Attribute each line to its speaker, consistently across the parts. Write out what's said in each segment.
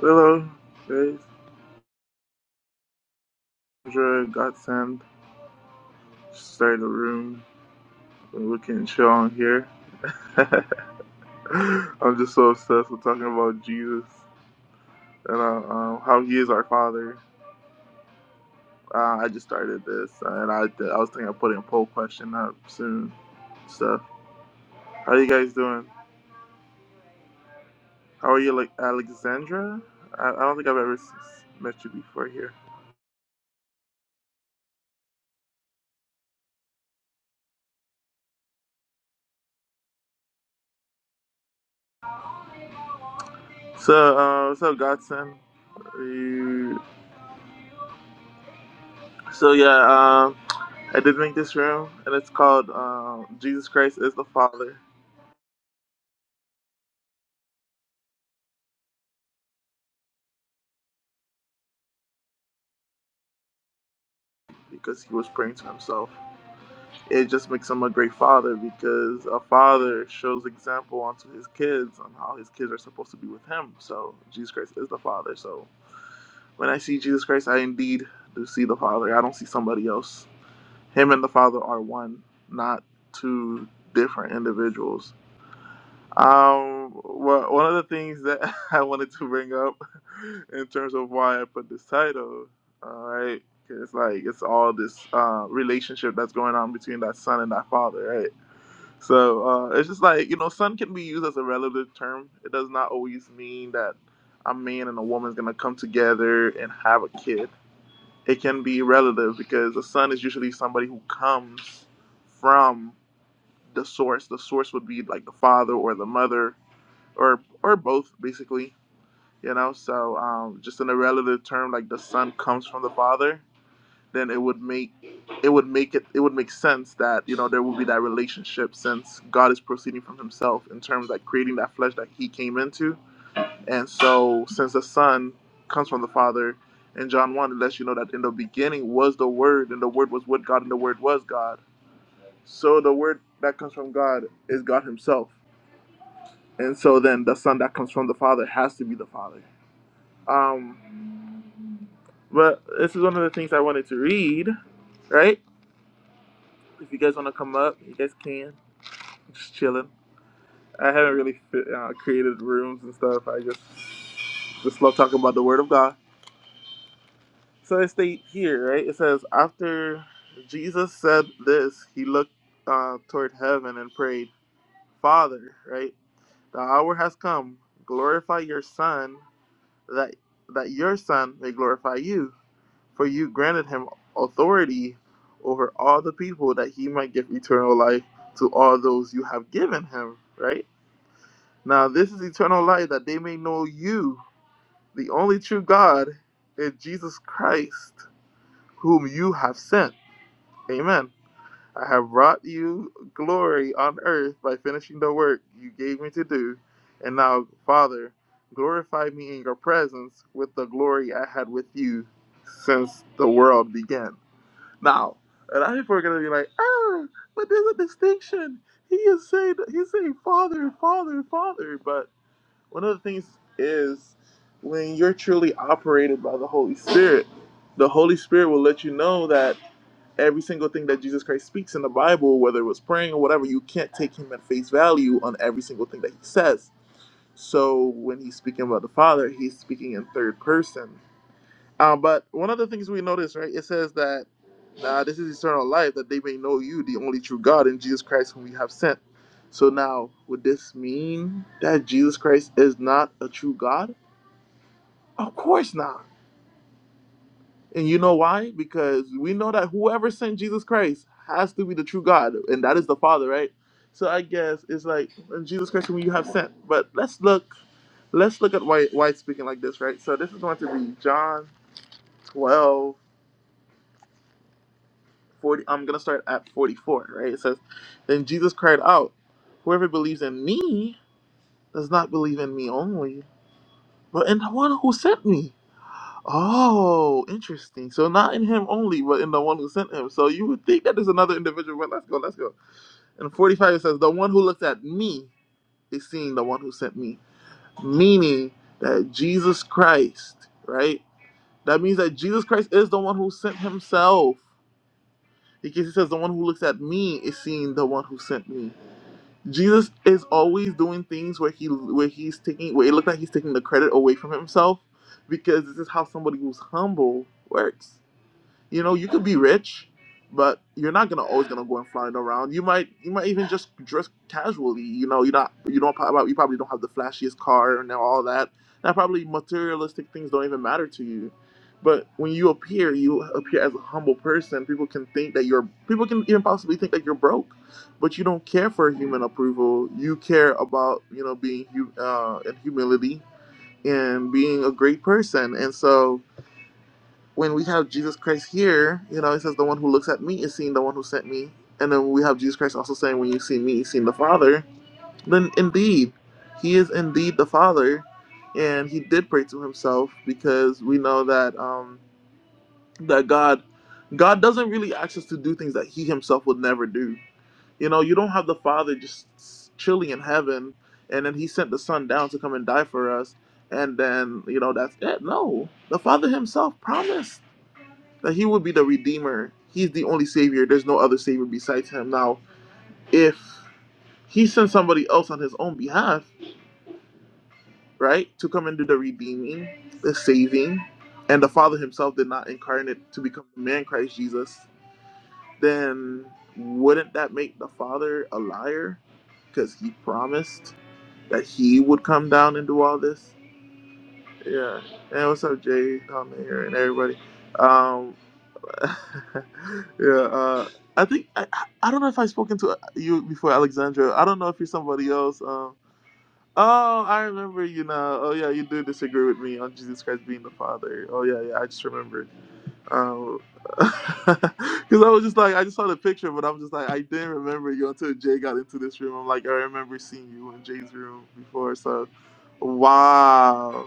Speaker 1: Willow says Ezra Godsend, started to the room when we can chill on here. I'm just so obsessed with talking about Jesus and uh, um, how he is our Father. Uh, I just started this, and I I was thinking of putting a poll question up soon. Stuff. How you guys doing? How are you, like Alexandra? I, I don't think I've ever s- met you before here. So, uh, what's up, Godsend? you? So yeah, um, I did make this room, and it's called uh, "Jesus Christ is the Father" because he was praying to himself. It just makes him a great father because a father shows example onto his kids on how his kids are supposed to be with him. So Jesus Christ is the Father. So when I see Jesus Christ, I indeed do see the Father. I don't see somebody else. Him and the Father are one, not two different individuals. Um, well, one of the things that I wanted to bring up in terms of why I put this title, all right, because like it's all this uh, relationship that's going on between that son and that father, right? So uh, it's just like you know, son can be used as a relative term. It does not always mean that a man and a woman's gonna come together and have a kid. It can be relative because a son is usually somebody who comes from the source. The source would be like the father or the mother or or both basically you know so um, just in a relative term like the son comes from the father then it would make it would make it it would make sense that you know there would be that relationship since god is proceeding from himself in terms like creating that flesh that he came into and so since the son comes from the father in john 1 it lets you know that in the beginning was the word and the word was with god and the word was god so the word that comes from god is god himself and so then the son that comes from the father has to be the father Um, but this is one of the things I wanted to read, right? If you guys want to come up, you guys can. I'm Just chilling. I haven't really fit, uh, created rooms and stuff. I just just love talking about the Word of God. So it states here, right? It says, after Jesus said this, he looked uh, toward heaven and prayed, Father, right? The hour has come. Glorify your Son, that that your Son may glorify you For you granted him authority over all the people that he might give eternal life to all those you have given him, right? Now, this is eternal life that they may know you, the only true God, and Jesus Christ, whom you have sent. Amen. I have brought you glory on earth by finishing the work you gave me to do. And now, Father, glorify me in your presence with the glory I had with you since the world began. Now, a lot of people are gonna be like, ah, but there's a distinction. He is saying he's saying father, father, father. But one of the things is when you're truly operated by the Holy Spirit, the Holy Spirit will let you know that every single thing that Jesus Christ speaks in the Bible, whether it was praying or whatever, you can't take him at face value on every single thing that he says. So when he's speaking about the Father, he's speaking in third person. Um, but one of the things we notice, right, it says that uh, this is eternal life, that they may know you, the only true God, and Jesus Christ, whom we have sent. So now, would this mean that Jesus Christ is not a true God? Of course not. And you know why? Because we know that whoever sent Jesus Christ has to be the true God, and that is the Father, right? So I guess it's like and Jesus Christ, whom you have sent. But let's look, let's look at why why it's speaking like this, right? So this is going to be John twelve. 40 I'm going to start at 44, right? It says, "Then Jesus cried out, whoever believes in me does not believe in me only, but in the one who sent me." Oh, interesting. So not in him only, but in the one who sent him. So you would think that there's another individual, but let's go, let's go. In 45 it says, "The one who looks at me is seeing the one who sent me," meaning that Jesus Christ, right? That means that Jesus Christ is the one who sent himself. Because he says, The one who looks at me is seeing the one who sent me. Jesus is always doing things where he where he's taking where it looks like he's taking the credit away from himself because this is how somebody who's humble works. You know, you could be rich, but you're not gonna always gonna go and flying around. You might you might even just dress casually. You know, you're not you don't prob- you probably don't have the flashiest car and all that. That probably materialistic things don't even matter to you. But when you appear, you appear as a humble person. People can think that you're people can even possibly think that you're broke, but you don't care for human approval. You care about you know being hu- uh, and humility and being a great person. And so when we have Jesus Christ here, you know, he says, The one who looks at me is seeing the one who sent me. And then we have Jesus Christ also saying, When you see me, you've seen the Father. Then indeed, he is indeed the Father. And he did pray to himself because we know that um, that God God doesn't really ask us to do things that he himself would never do. You know, you don't have the Father just chilling in heaven and then he sent the Son down to come and die for us. And then, you know, that's it. No. The Father himself promised that he would be the redeemer. He's the only savior. There's no other savior besides him. Now, if he sent somebody else on his own behalf, right, to come and do the redeeming, the saving, and the Father himself did not incarnate to become the man Christ Jesus, then wouldn't that make the Father a liar? Because he promised that he would come down and do all this. Yeah. And what's up, Jay down there and everybody? Um, yeah, uh, I think I, I I don't know if I've spoken to uh, you before, Alexandra. I don't know if you're somebody else. Um, oh, I remember you now. Oh yeah, you do disagree with me on Jesus Christ being the Father. Oh yeah, yeah, I just remembered. Um, because I was just like I just saw the picture, but i was just like I didn't remember you until Jay got into this room. I'm like I remember seeing you in Jay's room before, so. Wow.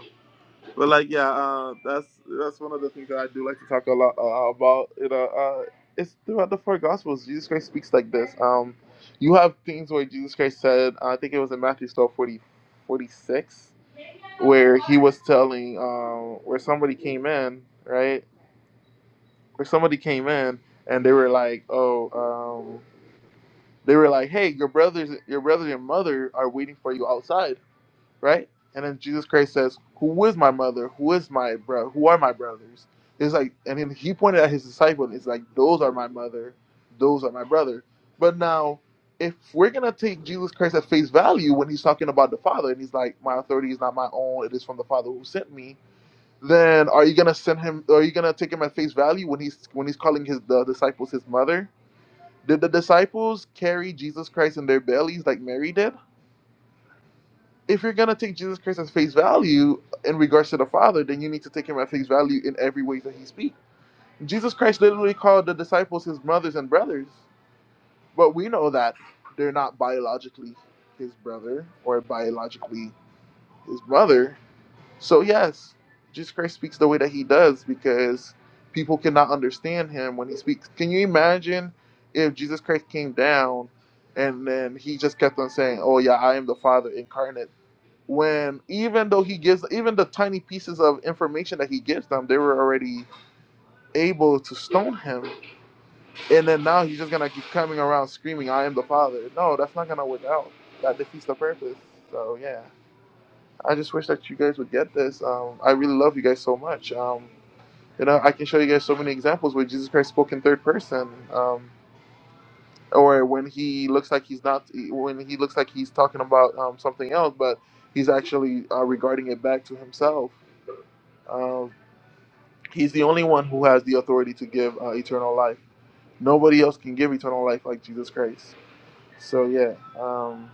Speaker 1: But like, yeah, uh, that's that's one of the things that I do like to talk a lot uh, about. You know, uh, it's throughout the four Gospels, Jesus Christ speaks like this. Um, you have things where Jesus Christ said, I think it was in Matthew 12 40, 46, where he was telling, um, where somebody came in, right? Where somebody came in and they were like, oh, um, they were like, hey, your brothers, your brother and mother are waiting for you outside right? And then Jesus Christ says, "Who is my mother? Who is my bro? Who are my brothers?" It's like, and then he pointed at his disciple, and it's like, "Those are my mother, those are my brother." But now, if we're gonna take Jesus Christ at face value when he's talking about the Father, and he's like, "My authority is not my own; it is from the Father who sent me," then are you gonna send him? Are you gonna take him at face value when he's when he's calling his the disciples his mother? Did the disciples carry Jesus Christ in their bellies like Mary did? if you're gonna take Jesus Christ as face value in regards to the Father, then you need to take him at face value in every way that he speaks. Jesus Christ literally called the disciples his mothers and brothers, but we know that they're not biologically his brother or biologically his mother. So yes, Jesus Christ speaks the way that he does because people cannot understand him when he speaks. Can you imagine if Jesus Christ came down and then he just kept on saying, "Oh yeah, I am the Father incarnate." when even though he gives even the tiny pieces of information that he gives them, they were already able to stone him, and then now he's just gonna keep coming around screaming, "I am the Father." No, that's not gonna work out. That defeats the purpose. So yeah, I just wish that you guys would get this. Um, I really love you guys so much. Um, you know, I can show you guys so many examples where Jesus Christ spoke in third person. Um, or when he looks like he's not, when he looks like he's talking about um, something else, but he's actually uh, regarding it back to himself Um, he's the only one who has the authority to give uh, eternal life. Nobody else can give eternal life like Jesus Christ. So yeah. Um,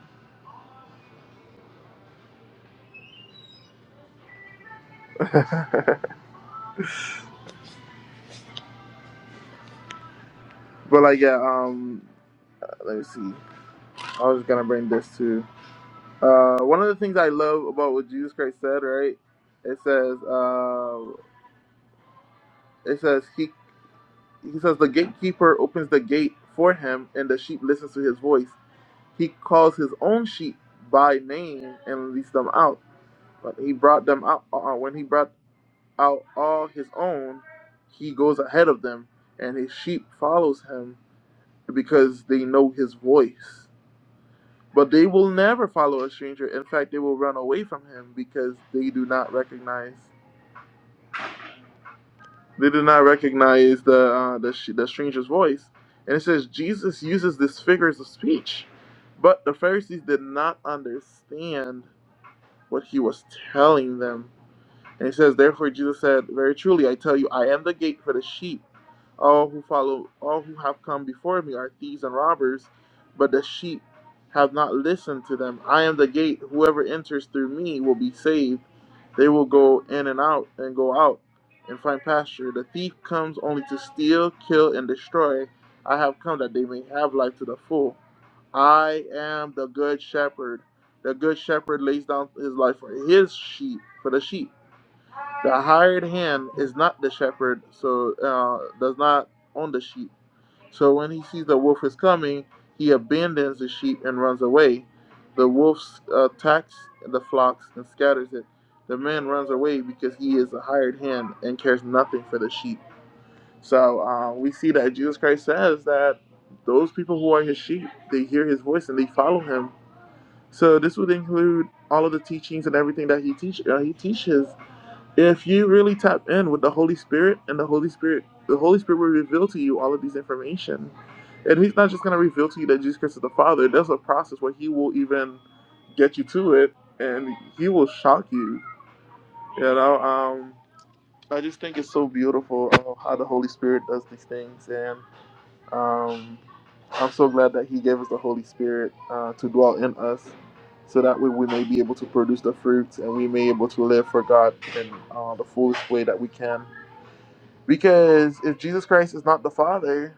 Speaker 1: but like yeah. Um, let me see. I was gonna bring this too. Uh, one of the things I love about what Jesus Christ said, right? It says, uh, it says he he says the gatekeeper opens the gate for him, and the sheep listens to his voice. He calls his own sheep by name and leads them out. But he brought them out uh, uh, when he brought out all his own, he goes ahead of them, and his sheep follows him because they know his voice. But they will never follow a stranger. In fact, they will run away from him because they do not recognize they do not recognize the uh, the, the stranger's voice. And it says Jesus uses these figures of speech, but the Pharisees did not understand what he was telling them. And he says, Therefore Jesus said, Very truly I tell you, I am the gate for the sheep. All who follow all who have come before me are thieves and robbers, but the sheep have not listened to them. I am the gate, whoever enters through me will be saved. They will go in and out and go out and find pasture. The thief comes only to steal, kill, and destroy. I have come that they may have life to the full. I am the good shepherd. The good shepherd lays down his life for his sheep, for the sheep. The hired hand is not the shepherd, so uh, does not own the sheep. So when he sees the wolf is coming, he abandons the sheep and runs away. The wolf uh, attacks the flocks and scatters it. The man runs away because he is a hired hand and cares nothing for the sheep. So uh, we see that Jesus Christ says that those people who are his sheep, they hear his voice and they follow him. So this would include all of the teachings and everything that he teach uh, he teaches if you really tap in with the Holy Spirit and the Holy Spirit, the Holy Spirit will reveal to you all of these information. And He's not just going to reveal to you that Jesus Christ is the Father. There's a process where He will even get you to it and He will shock you. You know, um, I just think it's so beautiful uh, how the Holy Spirit does these things. and. Um, I'm so glad that He gave us the Holy Spirit uh, to dwell in us, so that way we may be able to produce the fruits and we may be able to live for God in uh, the fullest way that we can. Because if Jesus Christ is not the Father,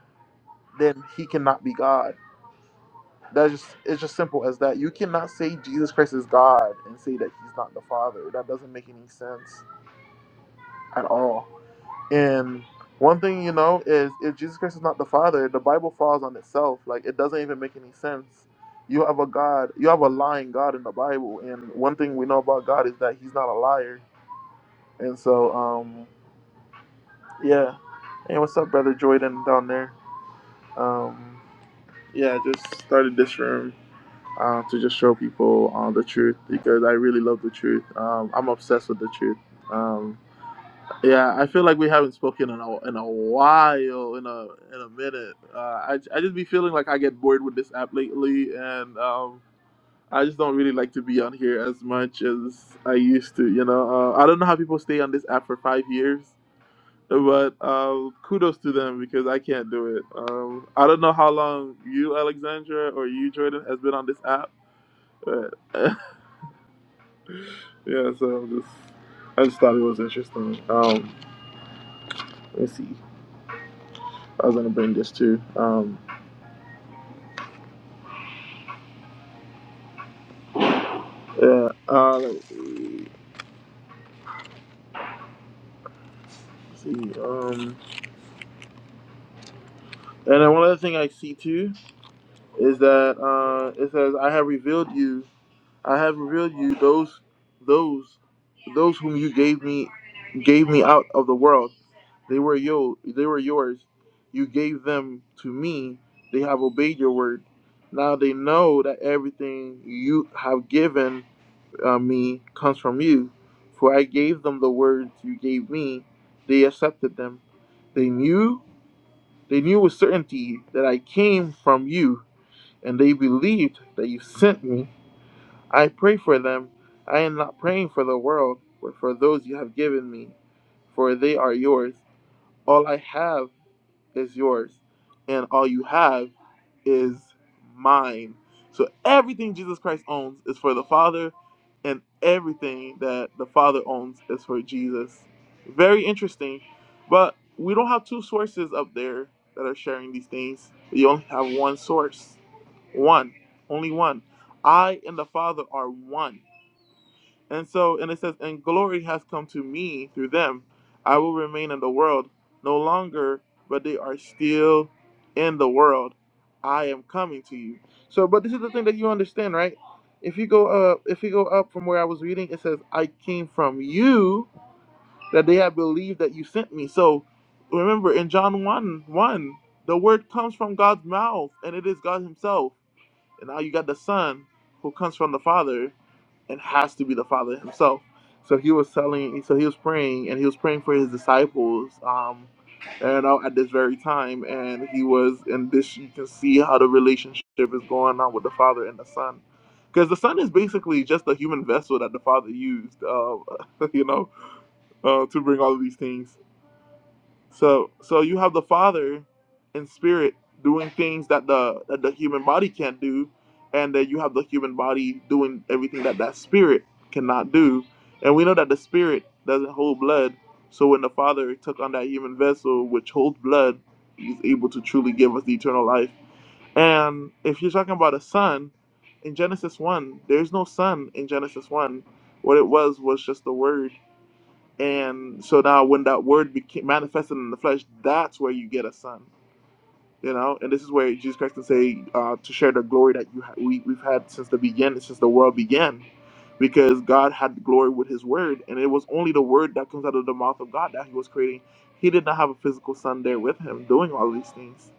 Speaker 1: then He cannot be God. That's just it's just simple as that. You cannot say Jesus Christ is God and say that He's not the Father. That doesn't make any sense at all. And one thing you know is if Jesus Christ is not the Father, the Bible falls on itself. Like it doesn't even make any sense. You have a God, you have a lying God in the Bible, and one thing we know about God is that He's not a liar. And so, um, yeah. Hey, what's up, brother Jordan down there? Um, yeah, I just started this room uh, to just show people uh, the truth because I really love the truth. Um, I'm obsessed with the truth. Um, Yeah, I feel like we haven't spoken in a in a while, in a in a minute. Uh, I I just be feeling like I get bored with this app lately, and um, I just don't really like to be on here as much as I used to. You know, uh, I don't know how people stay on this app for five years, but um, kudos to them because I can't do it. Um, I don't know how long you, Alexandra, or you, Jordan, has been on this app, but yeah. So just I just thought it was interesting. Um, let's see. I was gonna bring this too. Um, Yeah. Uh, let me see. Um, and then one other thing I see too is that uh, it says, "I have revealed you. I have revealed you those, those, those whom you gave me, gave me out of the world. They were yo. They were yours. You gave them to me. They have obeyed your word. Now they know that everything you have given." uh, me comes from you, for I gave them the words you gave me. They accepted them. They knew, they knew with certainty that I came from you, and they believed that you sent me. I pray for them. I am not praying for the world, but for those you have given me, for they are yours. All I have is yours, and all you have is mine. So everything Jesus Christ owns is for the Father, and everything that the Father owns is for Jesus. Very interesting, but we don't have two sources up there that are sharing these things. You only have one source, one, only one. I and the Father are one. And so, and it says, and glory has come to me through them. I will remain in the world no longer, but they are still in the world. I am coming to you. So, but this is the thing that you understand, right? If you go up, if you go up from where I was reading, it says, I came from you that they have believed that you sent me. So remember in John 1 1, the word comes from God's mouth and it is God Himself. And now you got the Son who comes from the Father and has to be the Father himself. So he was telling, so he was praying, and he was praying for his disciples, um, you know, at this very time. And he was, and this you can see how the relationship is going on with the Father and the Son, because the Son is basically just a human vessel that the Father used, uh, you know, uh, to bring all of these things. So so you have the Father in spirit doing things that the that the human body can't do, and then you have the human body doing everything that that spirit cannot do. And we know that the spirit doesn't hold blood. So when the Father took on that human vessel which holds blood, He's able to truly give us the eternal life. And if you're talking about a son, in Genesis 1, there's no son in Genesis 1. What it was was just the word. And so now, when that word became manifested in the flesh, that's where you get a son. You know, and this is where Jesus Christ can say uh, to share the glory that you ha- we we've had since the beginning, since the world began, because God had glory with His word, and it was only the word that comes out of the mouth of God that He was creating. He did not have a physical son there with Him doing all these things.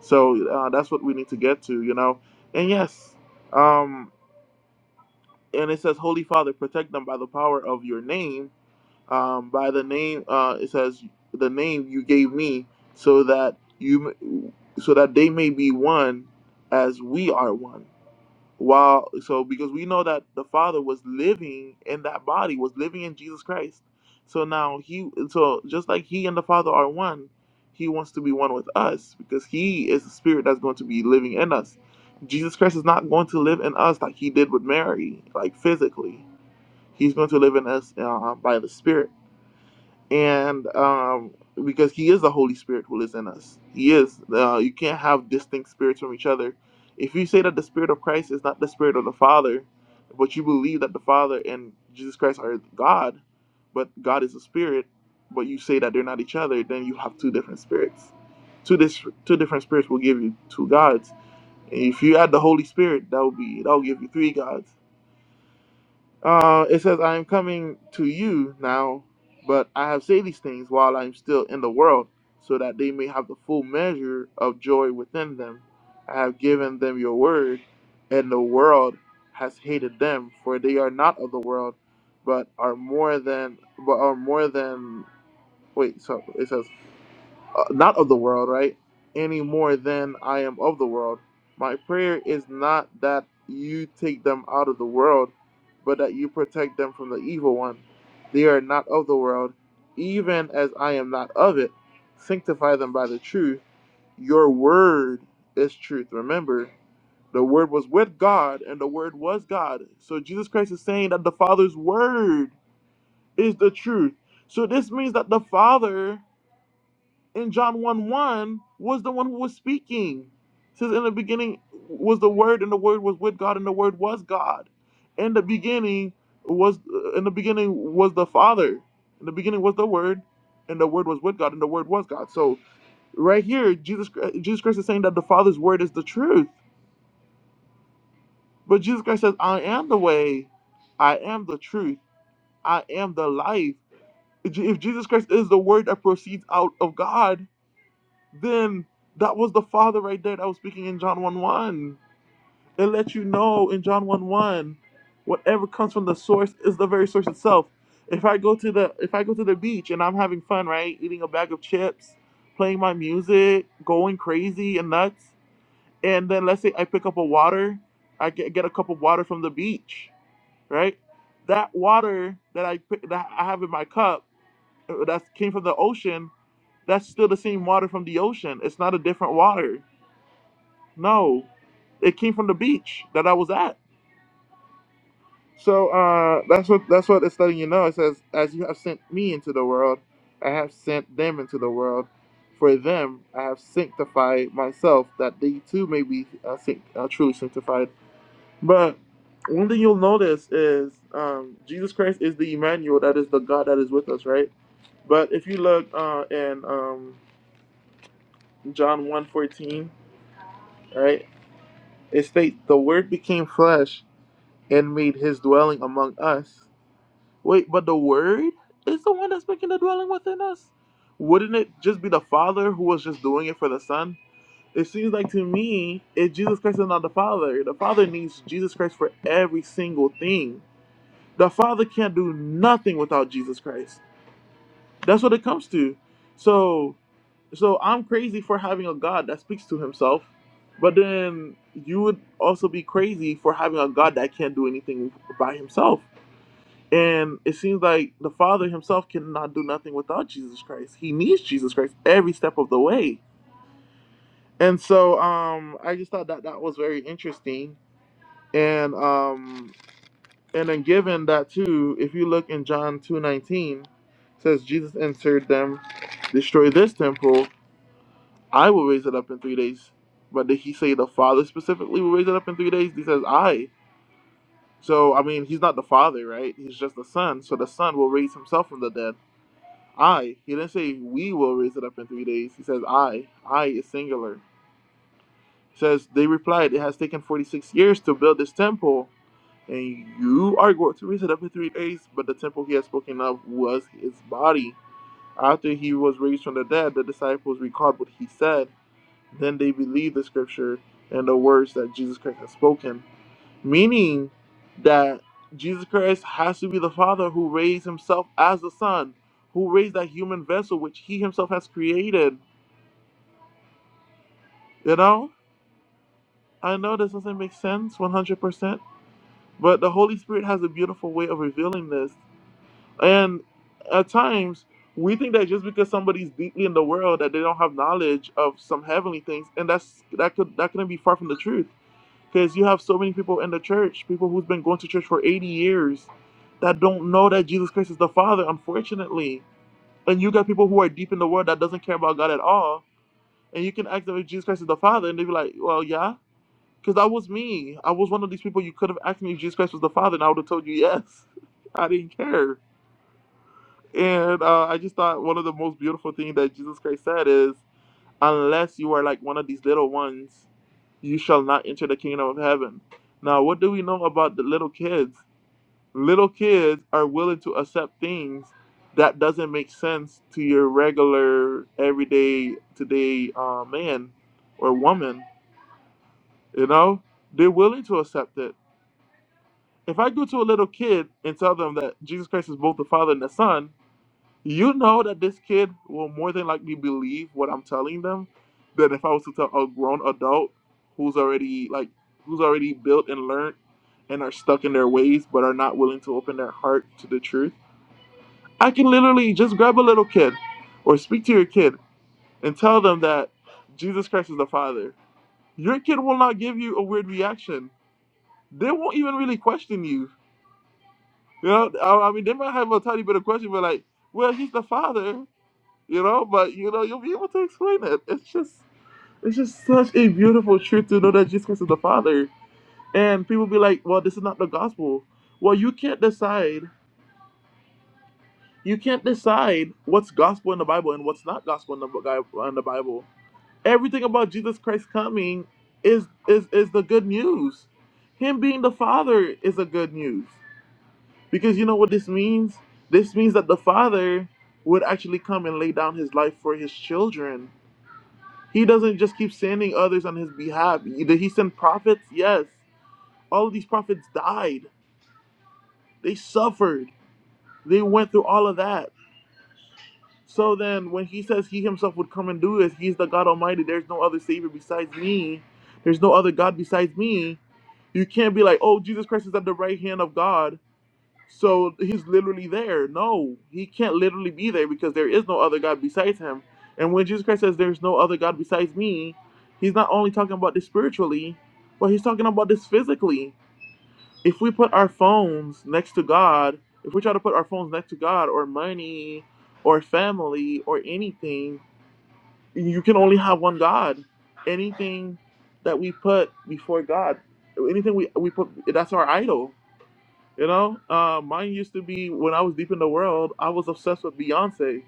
Speaker 1: So uh, that's what we need to get to, you know. And yes, um, and it says, Holy Father, protect them by the power of Your name um, by the name uh, it says the name you gave me so that you so that they may be one as we are one while so because we know that the father was living in that body was living in jesus christ so now he so just like he and the father are one he wants to be one with us because he is the spirit that's going to be living in us jesus christ is not going to live in us like he did with mary like physically he's going to live in us uh, by the spirit and um, because He is the Holy Spirit who lives in us, He is. Uh, you can't have distinct spirits from each other. If you say that the Spirit of Christ is not the Spirit of the Father, but you believe that the Father and Jesus Christ are God, but God is a Spirit, but you say that they're not each other, then you have two different spirits. Two dis- two different spirits will give you two gods. And If you add the Holy Spirit, that will be that will give you three gods. Uh, it says, I am coming to you now, but I have said these things while I am still in the world, so that they may have the full measure of joy within them. I have given them your word, and the world has hated them, for they are not of the world, but are more than, but are more than, wait, so it says, uh, not of the world, right? Any more than I am of the world. My prayer is not that you take them out of the world, but that you protect them from the evil one. They are not of the world, even as I am not of it. Sanctify them by the truth. Your word is truth. Remember, the word was with God, and the word was God. So Jesus Christ is saying that the Father's word is the truth. So this means that the Father in John 1 1 was the one who was speaking. It says, In the beginning was the Word, and the Word was with God, and the Word was God. In the beginning was uh, in the beginning was the Father. In the beginning was the Word, and the Word was with God, and the Word was God. So right here, Jesus uh, Jesus Christ is saying that the Father's word is the truth. But Jesus Christ says, I am the way, I am the truth, I am the life. If Jesus Christ is the word that proceeds out of God, then that was the Father right there that was speaking in John 1 1. It lets you know in John 1 1, whatever comes from the source is the very source itself. If I go to the if I go to the beach and I'm having fun, right? Eating a bag of chips, playing my music, going crazy and nuts, and then let's say I pick up a water, I get, get a cup of water from the beach, right? That water that I pick- that I have in my cup uh, that came from the ocean, that's still the same water from the ocean. It's not a different water no, it came from the beach that I was at. So uh, that's what that's what it's letting you know. It says, "As you have sent me into the world, I have sent them into the world. For them, I have sanctified myself, that they too may be uh, sanct- uh, truly sanctified." But one thing you'll notice is um, Jesus Christ is the Emmanuel, that is the God that is with us, right? But if you look uh, in um, John one fourteen, right, it states, "The Word became flesh." and made his dwelling among us. Wait, but the Word is the one that's making the dwelling within us? Wouldn't it just be the Father who was just doing it for the Son? It seems like to me, if Jesus Christ is not the Father, the Father needs Jesus Christ for every single thing. The Father can't do nothing without Jesus Christ. That's what it comes to. So, so I'm crazy for having a God that speaks to Himself, but then you would also be crazy for having a God that can't do anything by Himself and it seems like the Father himself cannot do nothing without Jesus Christ. He needs Jesus Christ every step of the way. And so um, I just thought that that was very interesting. And um, and then given that too, if you look in John 2.19, it says, Jesus answered them, destroy this temple, I will raise it up in three days. But did he say the Father specifically will raise it up in three days? He says, I. So, I mean, he's not the Father, right? He's just the Son. So the Son will raise himself from the dead. I. He didn't say we will raise it up in three days. He says I. I is singular. He says they replied, It has taken 46 years to build this temple, and you are going to raise it up in three days. But the temple he had spoken of was his body. After he was raised from the dead, the disciples recalled what he said. Then they believed the scripture and the words that Jesus Christ had spoken meaning that Jesus Christ has to be the Father who raised himself as the Son, who raised that human vessel which he himself has created. You know? I know this doesn't make sense 100%, but the Holy Spirit has a beautiful way of revealing this. And at times, we think that just because somebody's deeply in the world that they don't have knowledge of some heavenly things, and that's that could that couldn't be far from the truth. Because you have so many people in the church, people who's been going to church for 80 years, that don't know that Jesus Christ is the Father, unfortunately. And you got people who are deep in the world that doesn't care about God at all. And you can ask them if Jesus Christ is the Father, and they'd be like, well, yeah. Because that was me. I was one of these people you could have asked me if Jesus Christ was the Father, and I would have told you yes. I didn't care. And uh, I just thought one of the most beautiful things that Jesus Christ said is, unless you are like one of these little ones you shall not enter the kingdom of heaven. Now, what do we know about the little kids? Little kids are willing to accept things that doesn't make sense to your regular everyday today uh, man or woman. You know, they're willing to accept it. If I go to a little kid and tell them that Jesus Christ is both the Father and the Son, You know that this kid will more than likely believe what I'm telling them than if I was to tell a grown adult who's already like who's already built and learned and are stuck in their ways but are not willing to open their heart to the truth. I can literally just grab a little kid or speak to your kid and tell them that Jesus Christ is the Father. Your kid will not give you a weird reaction. They won't even really question you. You know, I I mean, they might have a tiny bit of question, but like, well, he's the Father. you know, but you know, you'll be able to explain it. It's just it's just such a beautiful truth to know that Jesus Christ is the Father. And people be like, Well, this is not the gospel. Well, you can't decide you can't decide what's gospel in the Bible and what's not gospel in the Bi- in the Bible. Everything about Jesus Christ coming is is is the good news. Him being the Father is the good news. Because you know what this means? This means that the Father would actually come and lay down his life for his children He doesn't just keep sending others on his behalf. Did he send prophets? Yes. All of these prophets died. They suffered. They went through all of that. So then, when he says he himself would come and do this, he's the God Almighty. There's no other Savior besides me. There's no other God besides me. You can't be like, oh, Jesus Christ is at the right hand of God So he's literally there. No, he can't literally be there because there is no other God besides him. And when Jesus Christ says there's no other God besides me, he's not only talking about this spiritually, but he's talking about this physically. If we put our phones next to God, if we try to put our phones next to God or money or family or anything, you can only have one God. Anything that we put before God, anything we, we put, that's our idol you know, uh, mine used to be when I was deep in the world, I was obsessed with Beyonce.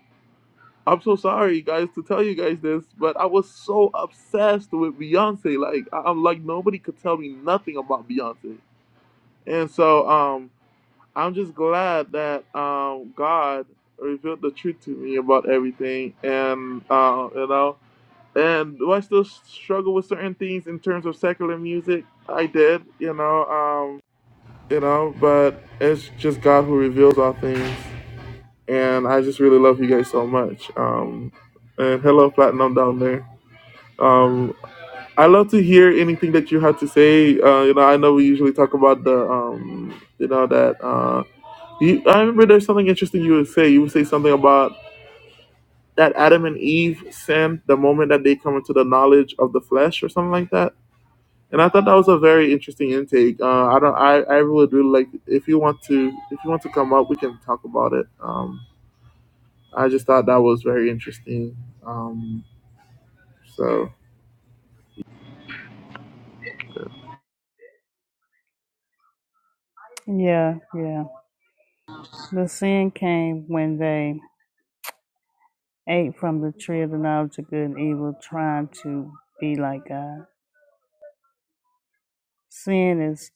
Speaker 1: I'm so sorry, guys, to tell you guys this, but I was so obsessed with Beyonce. Like, I- I'm like nobody could tell me nothing about Beyonce. And so, um, I'm just glad that um, God revealed the truth to me about everything, and uh, you know. And do I still struggle with certain things in terms of secular music? I did, you know. um, you know, but it's just God who reveals all things. And I just really love you guys so much. Um, and hello, Platinum down there. Um, I love to hear anything that you had to say. Uh, you know, I know we usually talk about the, um, you know, that. Uh, you, I remember there's something interesting you would say. You would say something about that Adam and Eve sin the moment that they come into the knowledge of the flesh or something like that. and I thought that was a very interesting intake. Uh, I don't. I, I would really like if you want to if you want to come up, we can talk about it. Um, I just thought that was very interesting. Um, so
Speaker 2: Yeah, yeah. The sin came when they ate from the tree of the knowledge of good and evil, trying to be like God. Sin is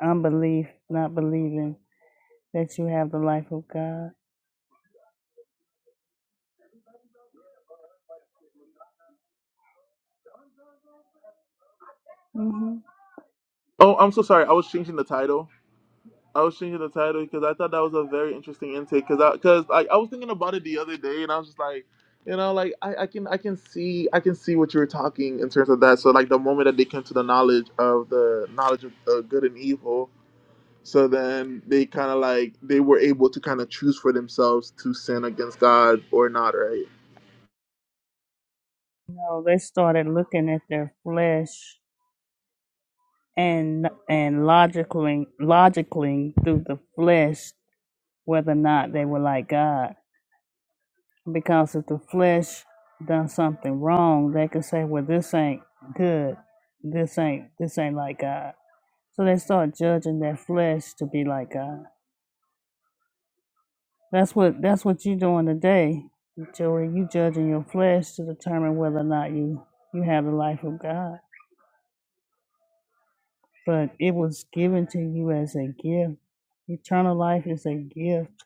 Speaker 2: unbelief, not believing that you have the life of God. hmm
Speaker 1: oh, I'm so sorry. I was changing the title. I was changing the title because I thought that was a very interesting intake. Because I because I I was thinking about it the other day, and I was just like. You know, like I, I can I can see I can see what you were talking in terms of that. So like the moment that they came to the knowledge of the knowledge of uh, good and evil, So then they kind of like they were able to kind of choose for themselves to sin against God or not, right?
Speaker 2: No, they started looking at their flesh and and logically logically through the flesh whether or not they were like God. Because if the flesh done something wrong, they could say, Well, this ain't good. This ain't this ain't like God. So they start judging their flesh to be like God. That's what that's what you doing today, Joey. You judging your flesh to determine whether or not you you have the life of God. But it was given to you as a gift. Eternal life is a gift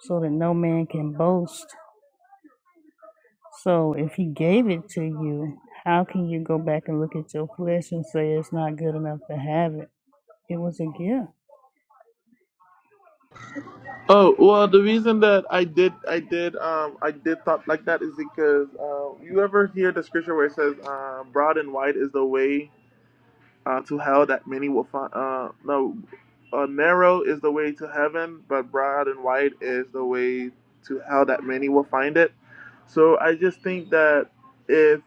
Speaker 2: so that no man can boast. So if he gave it to you, how can you go back and look at your flesh and say it's not good enough to have it? It was a gift.
Speaker 1: Oh well, the reason that I did I did um I did thought like that is because uh, you ever hear the scripture where it says uh, broad and wide is the way uh, to hell that many will find. Uh, no, uh, narrow is the way to heaven, but broad and wide is the way to hell that many will find it. So I just think that if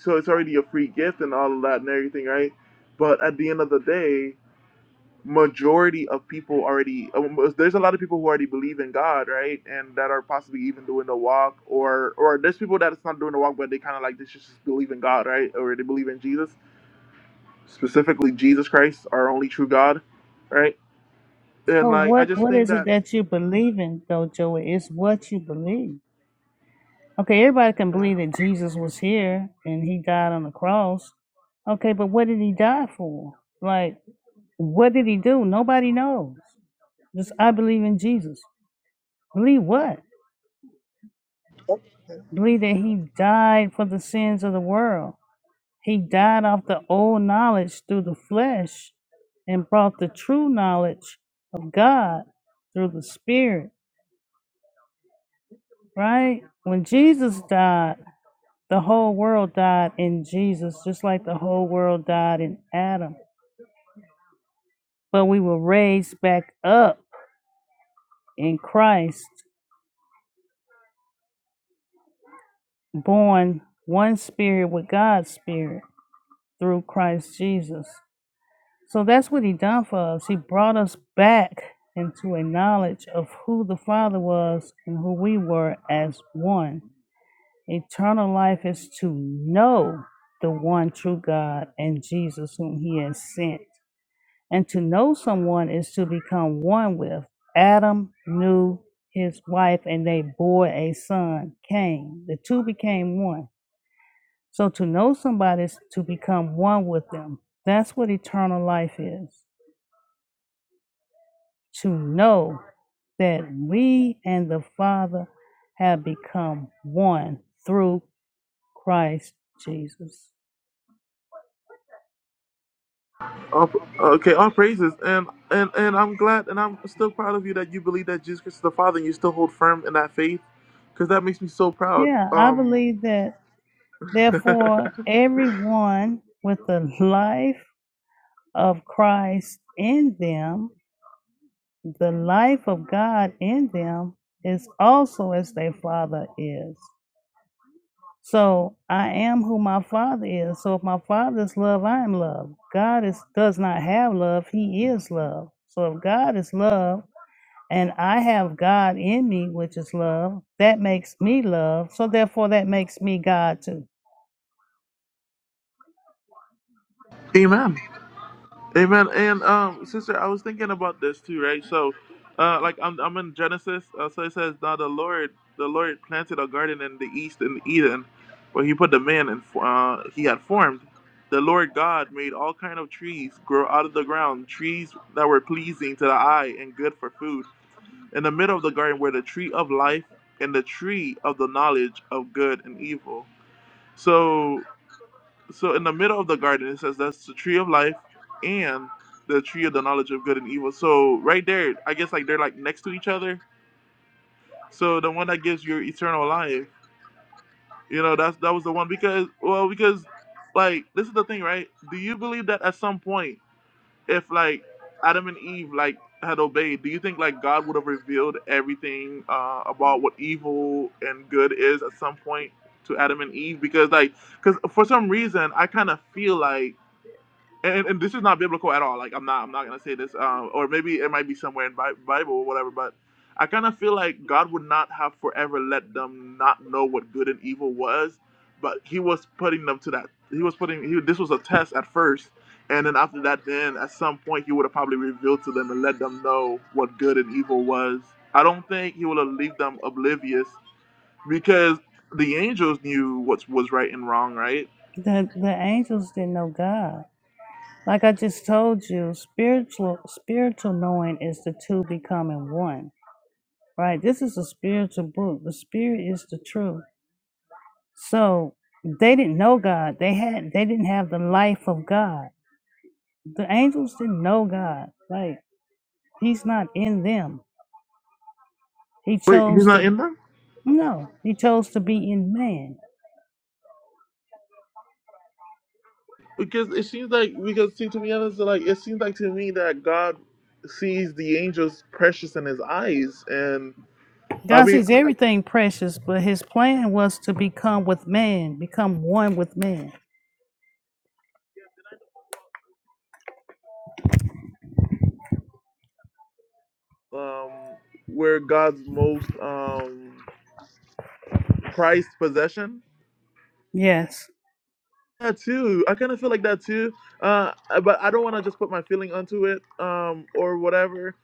Speaker 1: so, it's already a free gift and all of that and everything, right? But at the end of the day, majority of people already um, there's a lot of people who already believe in God, right? And that are possibly even doing the walk, or or there's people that it's not doing the walk, but they kind of like they just just believe in God, right? Or they believe in Jesus specifically Jesus Christ, our only true God, right? And
Speaker 2: So
Speaker 1: like I
Speaker 2: what
Speaker 1: just
Speaker 2: what
Speaker 1: think
Speaker 2: is it
Speaker 1: that
Speaker 2: that you believe in though, Joey? It's what you believe. Okay, everybody can
Speaker 1: uh,
Speaker 2: believe that Jesus was here and he died on the cross. Okay, but what did he die for? Like what did he do? Nobody knows. Just I believe in Jesus. Believe what? Believe that he died for the sins of the world. He died off the old knowledge through the flesh and brought the true knowledge of God through the Spirit, right? When Jesus died, the whole world died in Jesus, just like the whole world died in Adam. But we were raised back up in Christ, born one spirit with God's spirit through Christ Jesus. So that's what he done for us. He brought us back into a knowledge of who the Father was and who we were as one. Eternal life is to know the one true God and Jesus whom he has sent. And to know someone is to become one with. Adam knew his wife and they bore a son, Cain. The two became one. So to know somebody is to become one with them. That's what eternal life is. to know that we and the Father have become one through Christ Jesus.
Speaker 1: all, okay, all praises, and and and I'm glad, and I'm still proud of you that you believe that Jesus Christ is the Father, and you still hold firm in that faith, because that makes me so proud.
Speaker 2: Yeah, I
Speaker 1: Um,
Speaker 2: believe that, therefore, everyone with the life of Christ in them, the life of God in them, is also as their Father is. So I am who my father is. So if my father is love, I am love. God is does not have love, he is love. So if God is love and I have God in me, which is love, that makes me love. So therefore that makes me God too.
Speaker 1: Amen. Amen. And um, sister, I was thinking about this too, right? So, uh, like I'm I'm in Genesis. Uh, so it says, "Now the Lord, the Lord planted a garden in the east in Eden, where He put the man and uh, He had formed. The Lord God made all kind of trees grow out of the ground, trees that were pleasing to the eye and good for food. In the middle of the garden were the tree of life and the tree of the knowledge of good and evil. So so in the middle of the garden, it says that's the tree of life and the tree of the knowledge of good and evil. So right there, I guess like they're like next to each other. So the one that gives you eternal life, you know, that's that was the one because well because like this is the thing, right? Do you believe that at some point, if like Adam and Eve like had obeyed, do you think like God would have revealed everything uh, about what evil and good is at some point to Adam and Eve? Because like because for some reason I kind of feel like and, and this is not biblical at all. Like I'm not I'm not gonna say this, um, or maybe it might be somewhere in Bi- Bible or whatever. But I kind of feel like God would not have forever let them not know what good and evil was, but He was putting them to that. He was putting he, this was a test at first, and then after that, then at some point He would have probably revealed to them and let them know what good and evil was. I don't think He would have leave them oblivious because the angels knew what was right and wrong, right?
Speaker 2: The the angels didn't know God. Like I just told you, spiritual spiritual knowing is the two becoming one. Right? This is a spiritual book. The spirit is the truth. So they didn't know God. They had they didn't have the life of God. The angels didn't know God. Like he's not in them. He
Speaker 1: Wait, He's
Speaker 2: chose
Speaker 1: not
Speaker 2: to
Speaker 1: in there.
Speaker 2: no, he chose to be in man.
Speaker 1: Because it seems like because see to be honest, like it seems like to me that God sees the angels precious in His eyes, and I
Speaker 2: God
Speaker 1: mean,
Speaker 2: sees everything precious, but his plan was to become with man, become one with man.
Speaker 1: um, we're God's most um prized possession.
Speaker 2: Yes.
Speaker 1: Yeah, too. I kind of feel like that too. Uh, but I don't want to just put my feeling onto it, um, or whatever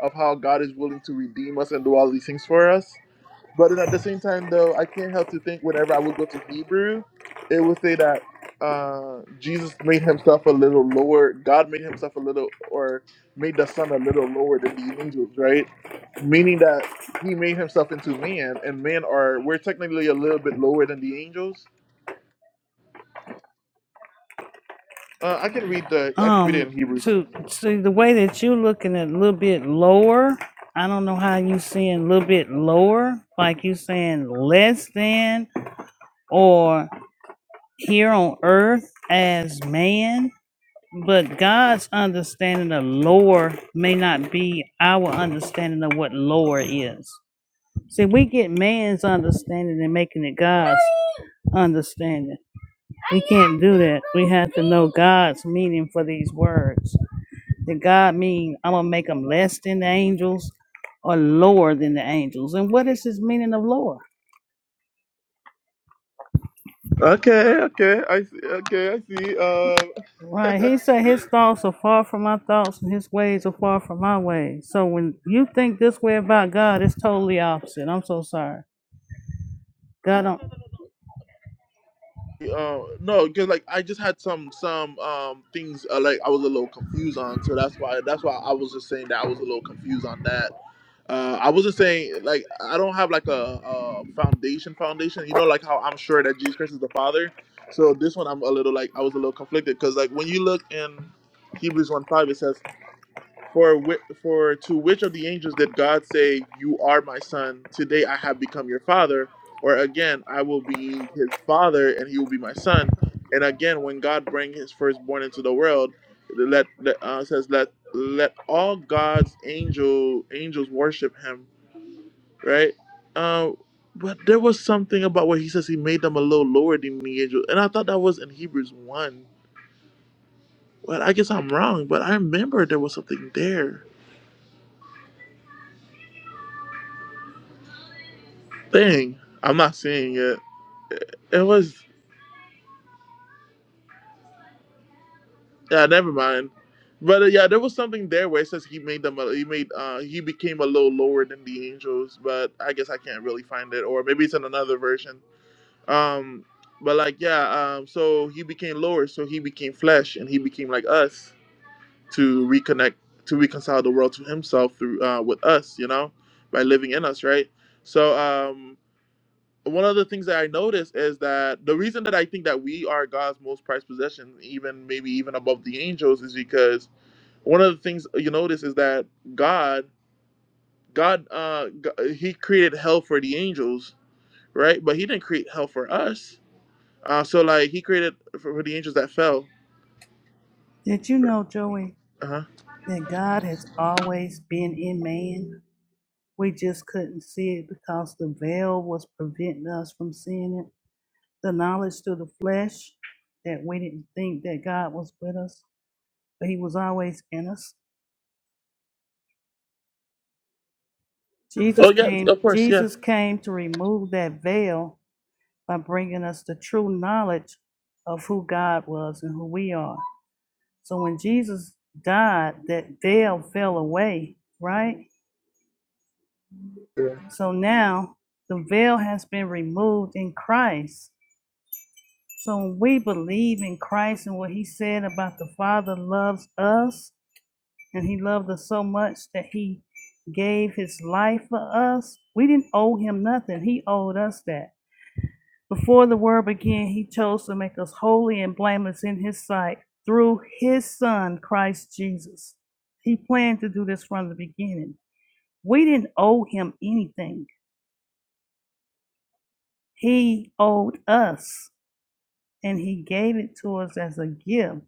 Speaker 1: of how God is willing to redeem us and do all these things for us. But then at the same time, though, I can't help to think whenever I would go to Hebrew, it would say that uh, Jesus made himself a little lower. God made himself a little, or made the Son a little lower than the angels, right? Meaning that he made himself into man, and men are we're technically a little bit lower than the angels. Uh, I can read the I can read it
Speaker 2: Um
Speaker 1: in Hebrews.
Speaker 2: to see the way that you are looking at a little bit lower. I don't know how you seeing a little bit lower, like you saying less than or here on earth as man, but God's understanding of lore may not be our understanding of what lore is. See, we get man's understanding and making it God's understanding. We can't do that. We have to know God's meaning for these words. Did God mean I'm gonna make them less than the angels or lower than the angels? And what is his meaning of lower?
Speaker 1: Okay, okay, I see. Okay, I see. Um,
Speaker 2: Right. He said his thoughts are far from my thoughts and his ways are far from my ways. So when you think this way about God, it's totally opposite. I'm so sorry. God don't
Speaker 1: uh, no, because like I just had some some um things uh, like I was a little confused on, so that's why that's why I was just saying that I was a little confused on that. Uh, I wasn't saying like I don't have like a, a foundation foundation. You know, like how I'm sure that Jesus Christ is the Father. So this one I'm a little like I was a little conflicted because like when you look in Hebrews one five, it says for whi- for to which of the angels did God say, "You are my son; today I have become your father," or again, "I will be his father, and he will be my son." And again, when God bring his firstborn into the world, let, let uh, says let let all God's angel angels worship him, right? Uh, but there was something about where he says he made them a little lower than the angels, and I thought that was in Hebrews one. But I guess I'm wrong. But I remember there was something there. thing. I'm not seeing it. It, it was yeah, never mind. But uh, yeah, there was something there where it says he made them. a- He made uh he became a little lower than the angels. But I guess I can't really find it, or maybe it's in another version. Um, but like yeah, um, so he became lower, so he became flesh, and he became like us to reconnect, to reconcile the world to himself through uh with us, you know, by living in us, right? So um, one of the things that I noticed is that the reason that I think that we are God's most prized possession, even maybe even above the angels, is because one of the things you notice is that God, God, uh, G- He created hell for the angels, right? But He didn't create hell for us. Uh, so like He created for, for the angels that fell.
Speaker 2: Did you know, Joey,
Speaker 1: Uh-huh.
Speaker 2: that God has always been in man? We just couldn't see it because the veil was preventing us from seeing it. The knowledge through the flesh that we didn't think that God was with us, but he was always in us. Jesus
Speaker 1: Oh yeah,
Speaker 2: came
Speaker 1: of course, yeah.
Speaker 2: Jesus came to remove that veil by bringing us the true knowledge of who God was and who we are. So when Jesus died, that veil fell away, right? So now the veil has been removed in Christ. So when we believe in Christ and what he said about the Father loves us and he loved us so much that he gave his life for us. We didn't owe him nothing. He owed us that. Before the world began, he chose to make us holy and blameless in his sight through his son, Christ Jesus. He planned to do this from the beginning. We didn't owe him anything, he owed us, and he gave it to us as a gift.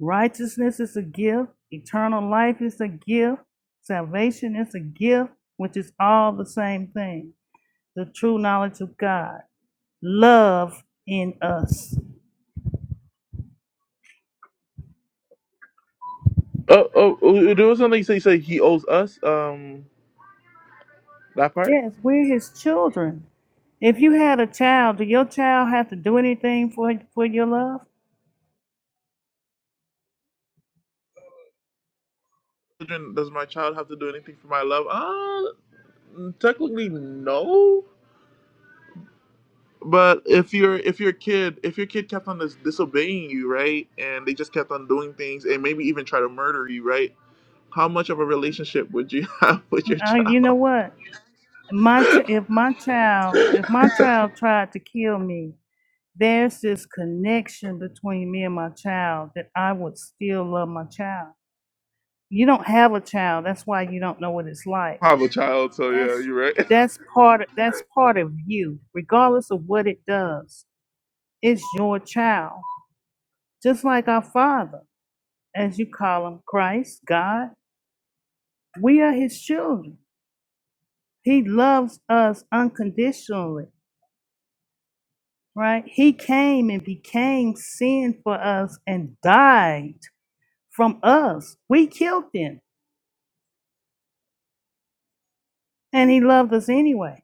Speaker 2: Righteousness is a gift, eternal life is a gift, salvation is a gift, which is all the same thing the true knowledge of God, love in us.
Speaker 1: Oh, oh, oh, there was something you said. You said he owes us. Um, that part.
Speaker 2: Yes, we're his children. If you had a child, do your child have to do anything for for your love?
Speaker 1: Children, Does my child have to do anything for my love? Uh, technically, no. But if your if your kid if your kid kept on dis- disobeying you, right, and they just kept on doing things and maybe even try to murder you, right? How much of a relationship would you have with your
Speaker 2: Uh,
Speaker 1: child?
Speaker 2: you know what? My ch- if my child if
Speaker 1: I
Speaker 2: my child tried to kill me, there's this connection between me and my child that I would still love my child. You don't have a child, that's why you don't know what it's like.
Speaker 1: have a child, so
Speaker 2: That's
Speaker 1: yeah, you're right.
Speaker 2: that's part of, that's part of you, regardless of what it does. It's your child, just like our father. as you call him, Christ, God. We are his children. He loves us unconditionally, right? He came and became sin for us and died from us. We killed him, and he loved us anyway.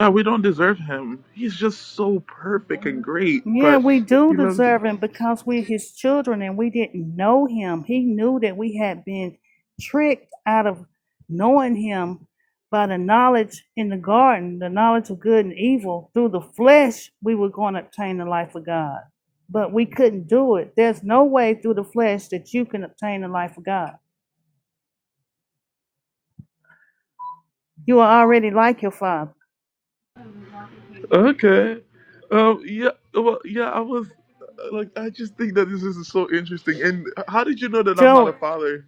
Speaker 1: Yeah, we don't deserve him. He's just so perfect and great,
Speaker 2: Yeah,
Speaker 1: but
Speaker 2: we do
Speaker 1: he loves.
Speaker 2: deserve him because we're his children and we didn't know him. He knew that we had been tricked out of knowing him by the knowledge in the garden, the knowledge of good and evil. Through the flesh, we were going to obtain the life of God, but we couldn't do it. There's no way through the flesh that you can obtain the life of God. You are already like your father.
Speaker 1: Okay, um, yeah, well, yeah, I was uh, like, I just think that this is so interesting. And how did you know that I'm not
Speaker 2: Joe
Speaker 1: a father?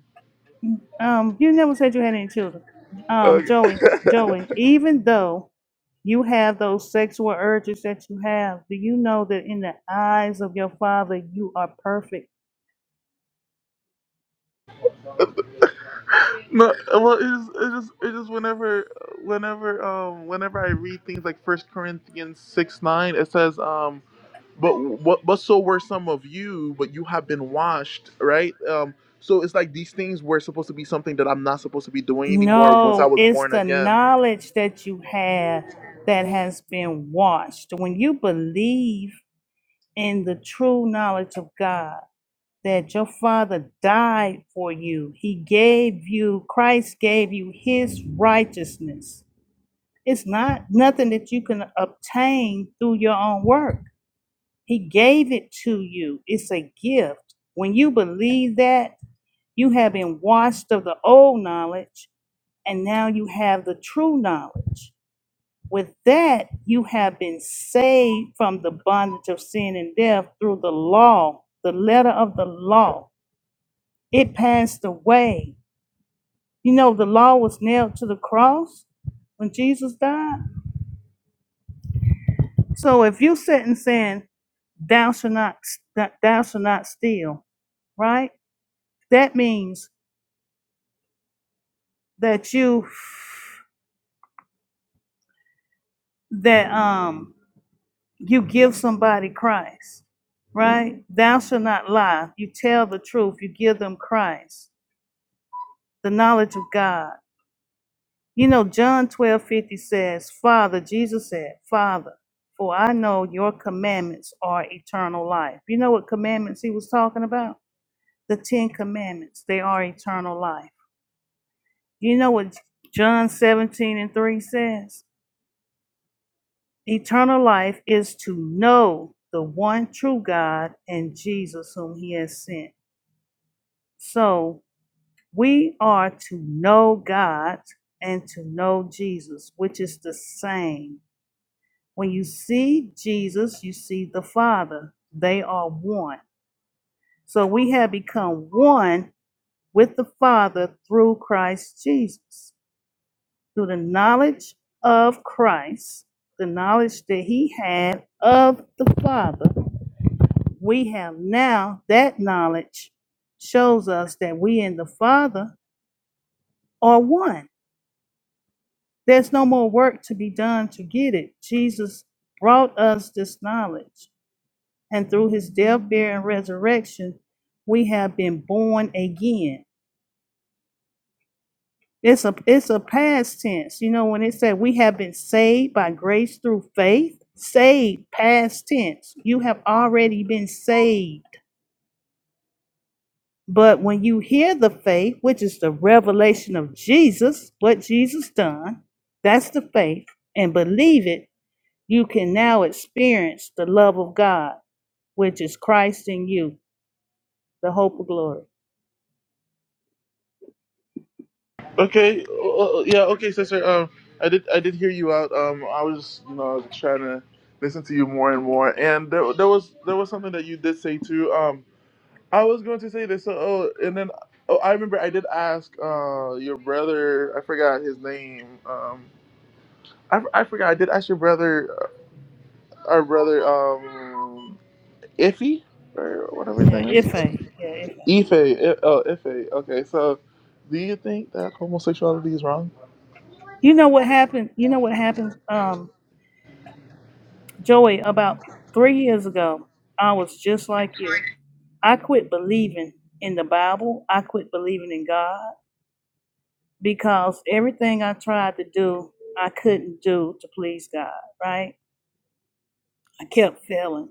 Speaker 2: Um, you never said you had any children. Um,
Speaker 1: Okay.
Speaker 2: Joey, Joey, even though you have those sexual urges that you have, do you know that in the eyes of your father you are perfect?
Speaker 1: No, uh, well, it just, it just, it just whenever, whenever, um, whenever I read things like First Corinthians six nine, it says, um, but what, but so were some of you, but you have been washed, right? Um, so it's like these things were supposed to be something that I'm not supposed to be doing anymore once I
Speaker 2: No,
Speaker 1: was
Speaker 2: it's
Speaker 1: born
Speaker 2: the
Speaker 1: again.
Speaker 2: knowledge that you have that has been washed. When you believe in the true knowledge of God, that your father died for you, he gave you, Christ gave you his righteousness It's not nothing that you can obtain through your own work. He gave it to you. It's a gift. When you believe that, you have been washed of the old knowledge and now you have the true knowledge. With that, you have been saved from the bondage of sin and death through the law, the letter of the law. It passed away. You know, the law was nailed to the cross when Jesus died So if you sitting saying, "Thou shalt not, st- thou shalt not steal," right? That means that you that um you give somebody Christ, right? Thou shalt not lie. You tell the truth. You give them Christ, the knowledge of God. You know, John twelve fifty says, "Father," Jesus said, "Father." For I know your commandments are eternal life. You know what commandments he was talking about? the Ten Commandments, they are eternal life. You know what John 17 and 3 says? Eternal life is to know the one true God and Jesus whom he has sent. So we are to know God and to know Jesus, which is the same. When you see Jesus, you see the Father. They are one. So we have become one with the Father through Christ Jesus. through the knowledge of Christ, the knowledge that he had of the Father, we have now that knowledge shows us that we and the Father are one. There's no more work to be done to get it. Jesus brought us this knowledge, and through his death, burial, and resurrection, we have been born again. It's a it's a past tense. You know, when it said we have been saved by grace through faith, saved past tense. You have already been saved. But when you hear the faith, which is the revelation of Jesus, what Jesus done, that's the faith, and believe it, you can now experience the love of God, which is Christ in you, the hope of glory.
Speaker 1: Okay, uh, yeah, okay, sister. Um, I did, I did hear you out. Um, I was, just, you know, trying to listen to you more and more, and there, there was, there was something that you did say too. Um. I was going to say this. So, oh, and then oh, I remember I did ask uh, your brother. I forgot his name. Um, I, I forgot. I did ask your brother, uh, our brother, um, Iffy or whatever his
Speaker 2: Yeah,
Speaker 1: name is.
Speaker 2: if yeah, if
Speaker 1: Ife. I- Oh, Ife. Okay. So, do you think that homosexuality is wrong?
Speaker 2: You know what happened? You know what happened? Um. Joey, about three years ago, I was just like you. I quit believing in the Bible. I quit believing in God because everything I tried to do, I couldn't do to please God, right? I kept failing.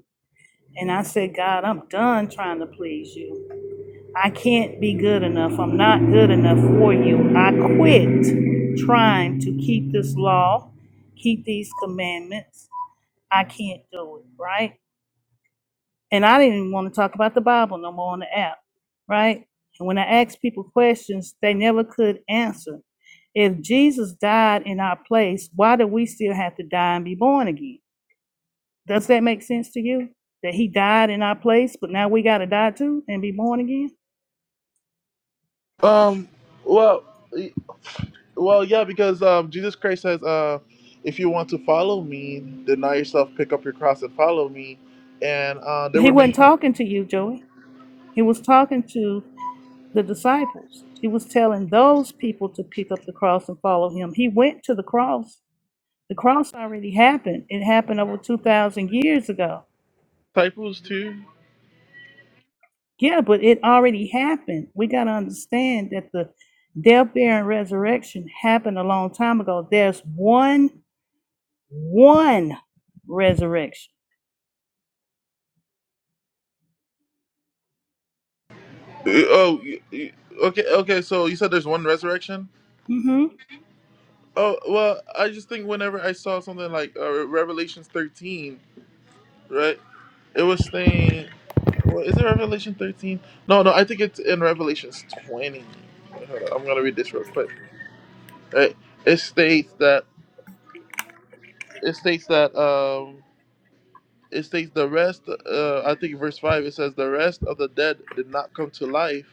Speaker 2: And I said, God, I'm done trying to please you. I can't be good enough. I'm not good enough for you. I quit trying to keep this law, keep these commandments. I can't do it, right? and I didn't want to talk about the Bible no more on the app, right? And when I asked people questions, they never could answer. If Jesus died in our place, why do we still have to die and be born again? Does that make sense to you? That he died in our place, but now we got to die too and be born again?
Speaker 1: Um. Well. y- Well. Yeah. Because um, Jesus Christ says, uh, if you want to follow me, deny yourself, pick up your cross, and follow me. And uh, there
Speaker 2: He
Speaker 1: were
Speaker 2: wasn't
Speaker 1: many
Speaker 2: talking to you, Joey. He was talking to the disciples. He was telling those people to pick up the cross and follow him. He went to the cross The cross already happened. It happened over 2,000 years ago.
Speaker 1: disciples too.
Speaker 2: Yeah, but it already happened. We got to understand that the death, burial, and resurrection happened a long time ago. There's one, one resurrection.
Speaker 1: Oh, y- y- okay, okay. So you said there's one resurrection.
Speaker 2: hmm
Speaker 1: Oh well, I just think whenever I saw something like uh, Revelations 13, right? It was saying, well, is it Revelation 13? No, no. I think it's in Revelations 20. Hold on, I'm gonna read this real quick. Right? It states that it states that um it states the rest. Uh, I think verse five. It says the rest of the dead did not come to life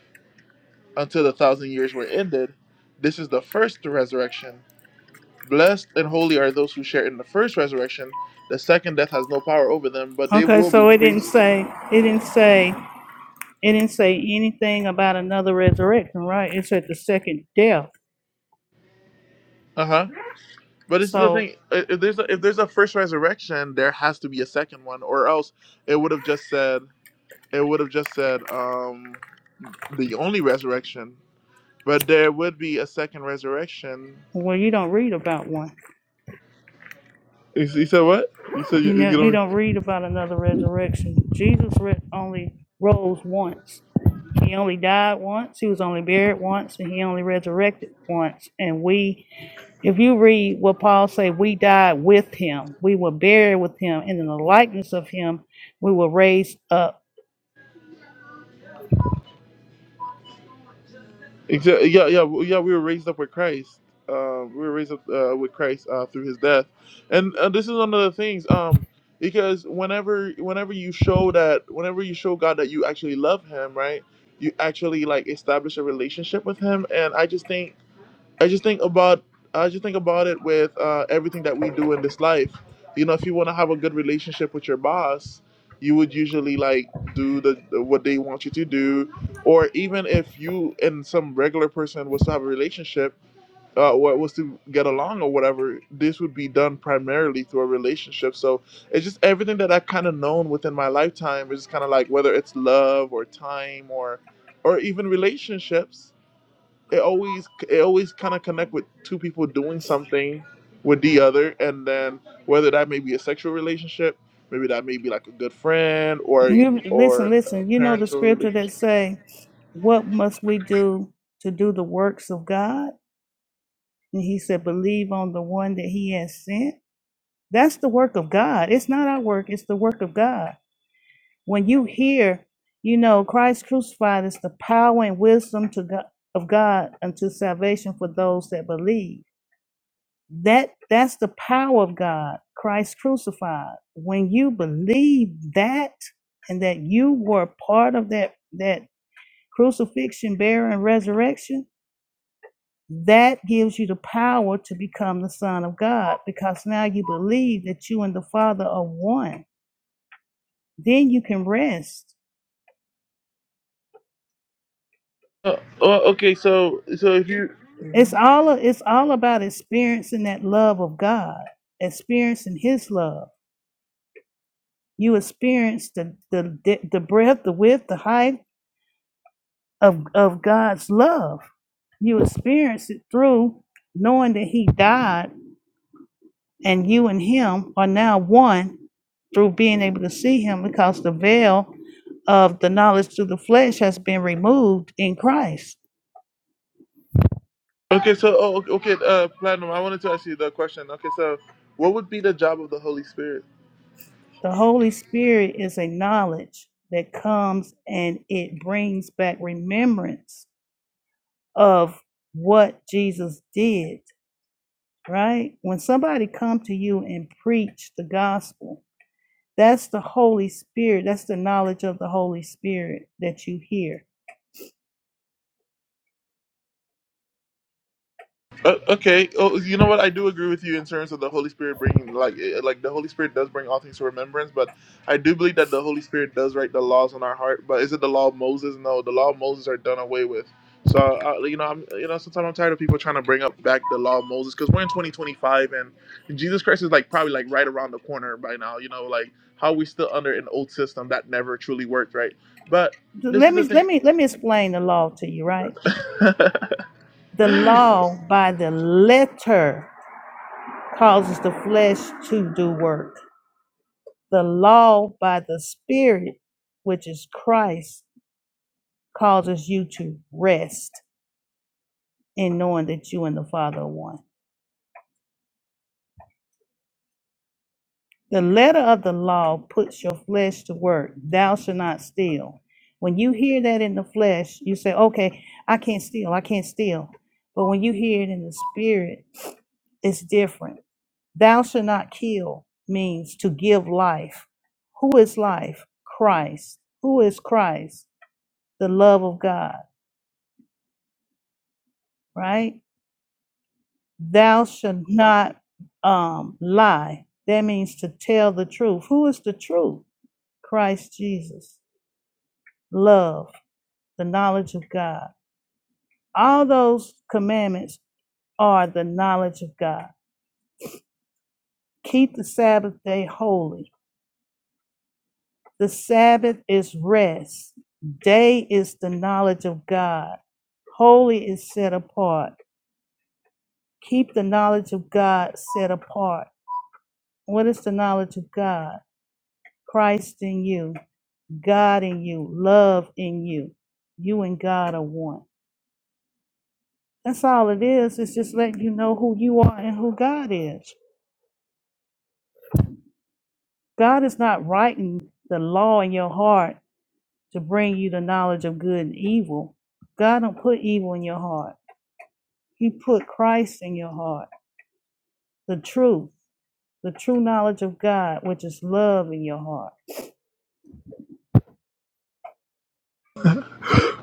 Speaker 1: until the thousand years were ended. This is the first resurrection. Blessed and holy are those who share in the first resurrection. The second death has no power over them, but they
Speaker 2: Okay,
Speaker 1: will be
Speaker 2: so it didn't
Speaker 1: priests.
Speaker 2: say, it didn't say, it didn't say anything about another resurrection, right? It said the second death.
Speaker 1: Uh huh. But this is the
Speaker 2: So,
Speaker 1: thing: i- if there's a, if there's a first resurrection, there has to be a second one, or else it would have just said it would have just said um the only resurrection. But there would be a second resurrection.
Speaker 2: well, you don't read about one.
Speaker 1: You, s- you said what? You said
Speaker 2: You
Speaker 1: you,
Speaker 2: know,
Speaker 1: you
Speaker 2: you
Speaker 1: don't.
Speaker 2: don't read about another resurrection. Jesus re- only rose once. He only died once. He was only buried once, and he only resurrected once. And we, if you read what Paul say, we died with him. We were buried with him, and in the likeness of him, we were raised up.
Speaker 1: Exa- Yeah, yeah, w- yeah. We were raised up with Christ. Um, we were raised up uh, with Christ uh, through His death, and uh, this is one of the things. Um, because whenever, whenever you show that, whenever you show God that you actually love Him, right? You actually like establish a relationship with Him, and I just think I just think about I just think about it with uh, everything that we do in this life. You know, if you want to have a good relationship with your boss, you would usually like do the, the what they want you to do, or even if you and some regular person was to have a relationship, uh, what was to get along or whatever, this would be done primarily through a relationship. So it's just everything that I've kind of known within my lifetime is kind of like whether it's love or time or or even relationships it always it always kind of connect with two people doing something with the other and then whether that may be a sexual relationship maybe that may be like a good friend or a-
Speaker 2: You,
Speaker 1: or
Speaker 2: listen,
Speaker 1: a
Speaker 2: listen. You know the
Speaker 1: parental
Speaker 2: scripture that
Speaker 1: relationship
Speaker 2: say, "What must we do to do the works of God?" And he said, "Believe on the one that he has sent." That's the work of God. It's not our work, it's the work of God. When you hear, you know, Christ crucified is the power and wisdom to God, of God unto salvation for those that believe. That that's the power of God, Christ crucified. When you believe that and that you were part of that that crucifixion, burial, and resurrection, that gives you the power to become the Son of God because now you believe that you and the Father are one Then you can rest.
Speaker 1: uh, oh, okay so so if you
Speaker 2: It's all it's all about experiencing that love of God, experiencing His love. You experience the the the breadth, the width, the height of of God's love. You experience it through knowing that He died, and you and Him are now one through being able to see Him because the veil of the knowledge through the flesh has been removed in Christ.
Speaker 1: okay so oh, okay uh platinum i wanted to ask you the question okay so what would be the job of the holy spirit
Speaker 2: The Holy Spirit is a knowledge that comes and it brings back remembrance of what Jesus did, right? When somebody come to you and preach the gospel, that's the Holy Spirit, that's the knowledge of the Holy Spirit that you hear.
Speaker 1: Uh, okay. Oh, you know what? I do agree with you in terms of the Holy Spirit bringing, like, eh, like the Holy Spirit does bring all things to remembrance. But I do believe that the Holy Spirit does write the laws on our heart. But is it the law of Moses? No, the law of Moses are done away with. So uh, you know, I'm you know, sometimes I'm tired of people trying to bring up back the law of Moses because we're in 2025 and Jesus Christ is like probably like right around the corner by now. You know, like how we still under an old system that never truly worked, right? But this is
Speaker 2: Let me
Speaker 1: the
Speaker 2: let me let me explain the law to you, right? The
Speaker 1: thing.
Speaker 2: law by the letter causes the flesh to do work The law by the Spirit, which is Christ, causes you to rest in knowing that you and the Father are one. The letter of the law puts your flesh to work. Thou shalt not steal. When you hear that in the flesh, you say, okay, I can't steal. I can't steal. But when you hear it in the spirit, it's different. Thou shalt not kill means to give life. Who is life? Christ. Who is Christ? The love of God. right? Thou should not um, lie. That means to tell the truth. Who is the truth? Christ Jesus. Love, the knowledge of God. All those commandments are the knowledge of God. Keep the Sabbath day holy. The Sabbath is rest. Day is the knowledge of God. Holy is set apart. Keep the knowledge of God set apart. What is the knowledge of God? Christ in you. God in you, love in you. You and God are one. That's all it is. It's just letting you know who you are and who God is. God is not writing the law in your heart to bring you the knowledge of good and evil. God don't put evil in your heart. He put Christ in your heart, the truth, the true knowledge of God, which is love in your heart.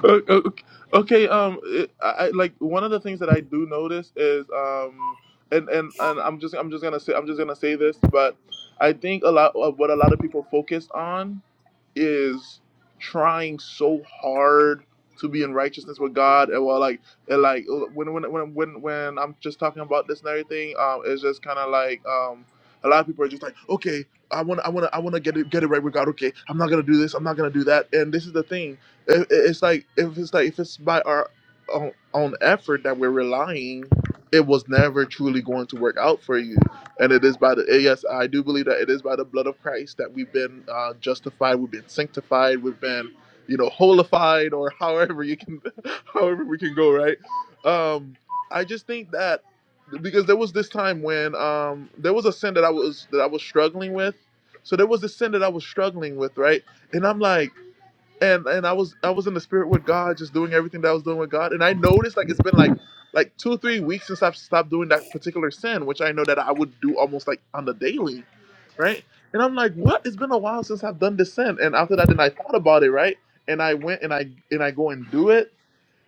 Speaker 1: O- o- okay um it, I, I like one of the things that i do notice is um and and and i'm just i'm just gonna say i'm just gonna say this but i think a lot of what a lot of people focus on is trying so hard to be in righteousness with God, and well, like, and like when when when when when I'm just talking about this and everything, um, it's just kind of like um, a lot of people are just like, okay, I want I want I want to get it get it right with God. Okay, I'm not gonna do this. I'm not gonna do that. And this is the thing. It, it's like if it's like if it's by our own, own effort that we're relying, it was never truly going to work out for you and it is by the, eh, yes, I do believe that it is by the blood of Christ that we've been uh, justified, we've been sanctified, we've been, you know, holified or however you can, however we can go, right? Um, I just think that because there was this time when um, there was a sin that I was, that I was struggling with. So there was this sin that I was struggling with, right? And I'm like, and and I was I was in the spirit with God, just doing everything that I was doing with God. And I noticed like it's been like like two or three weeks since I've stopped doing that particular sin, which I know that I would do almost like on the daily, right? And I'm like, what? It's been a while since I've done this sin. And after that, then I thought about it, right? And I went and I and I go and do it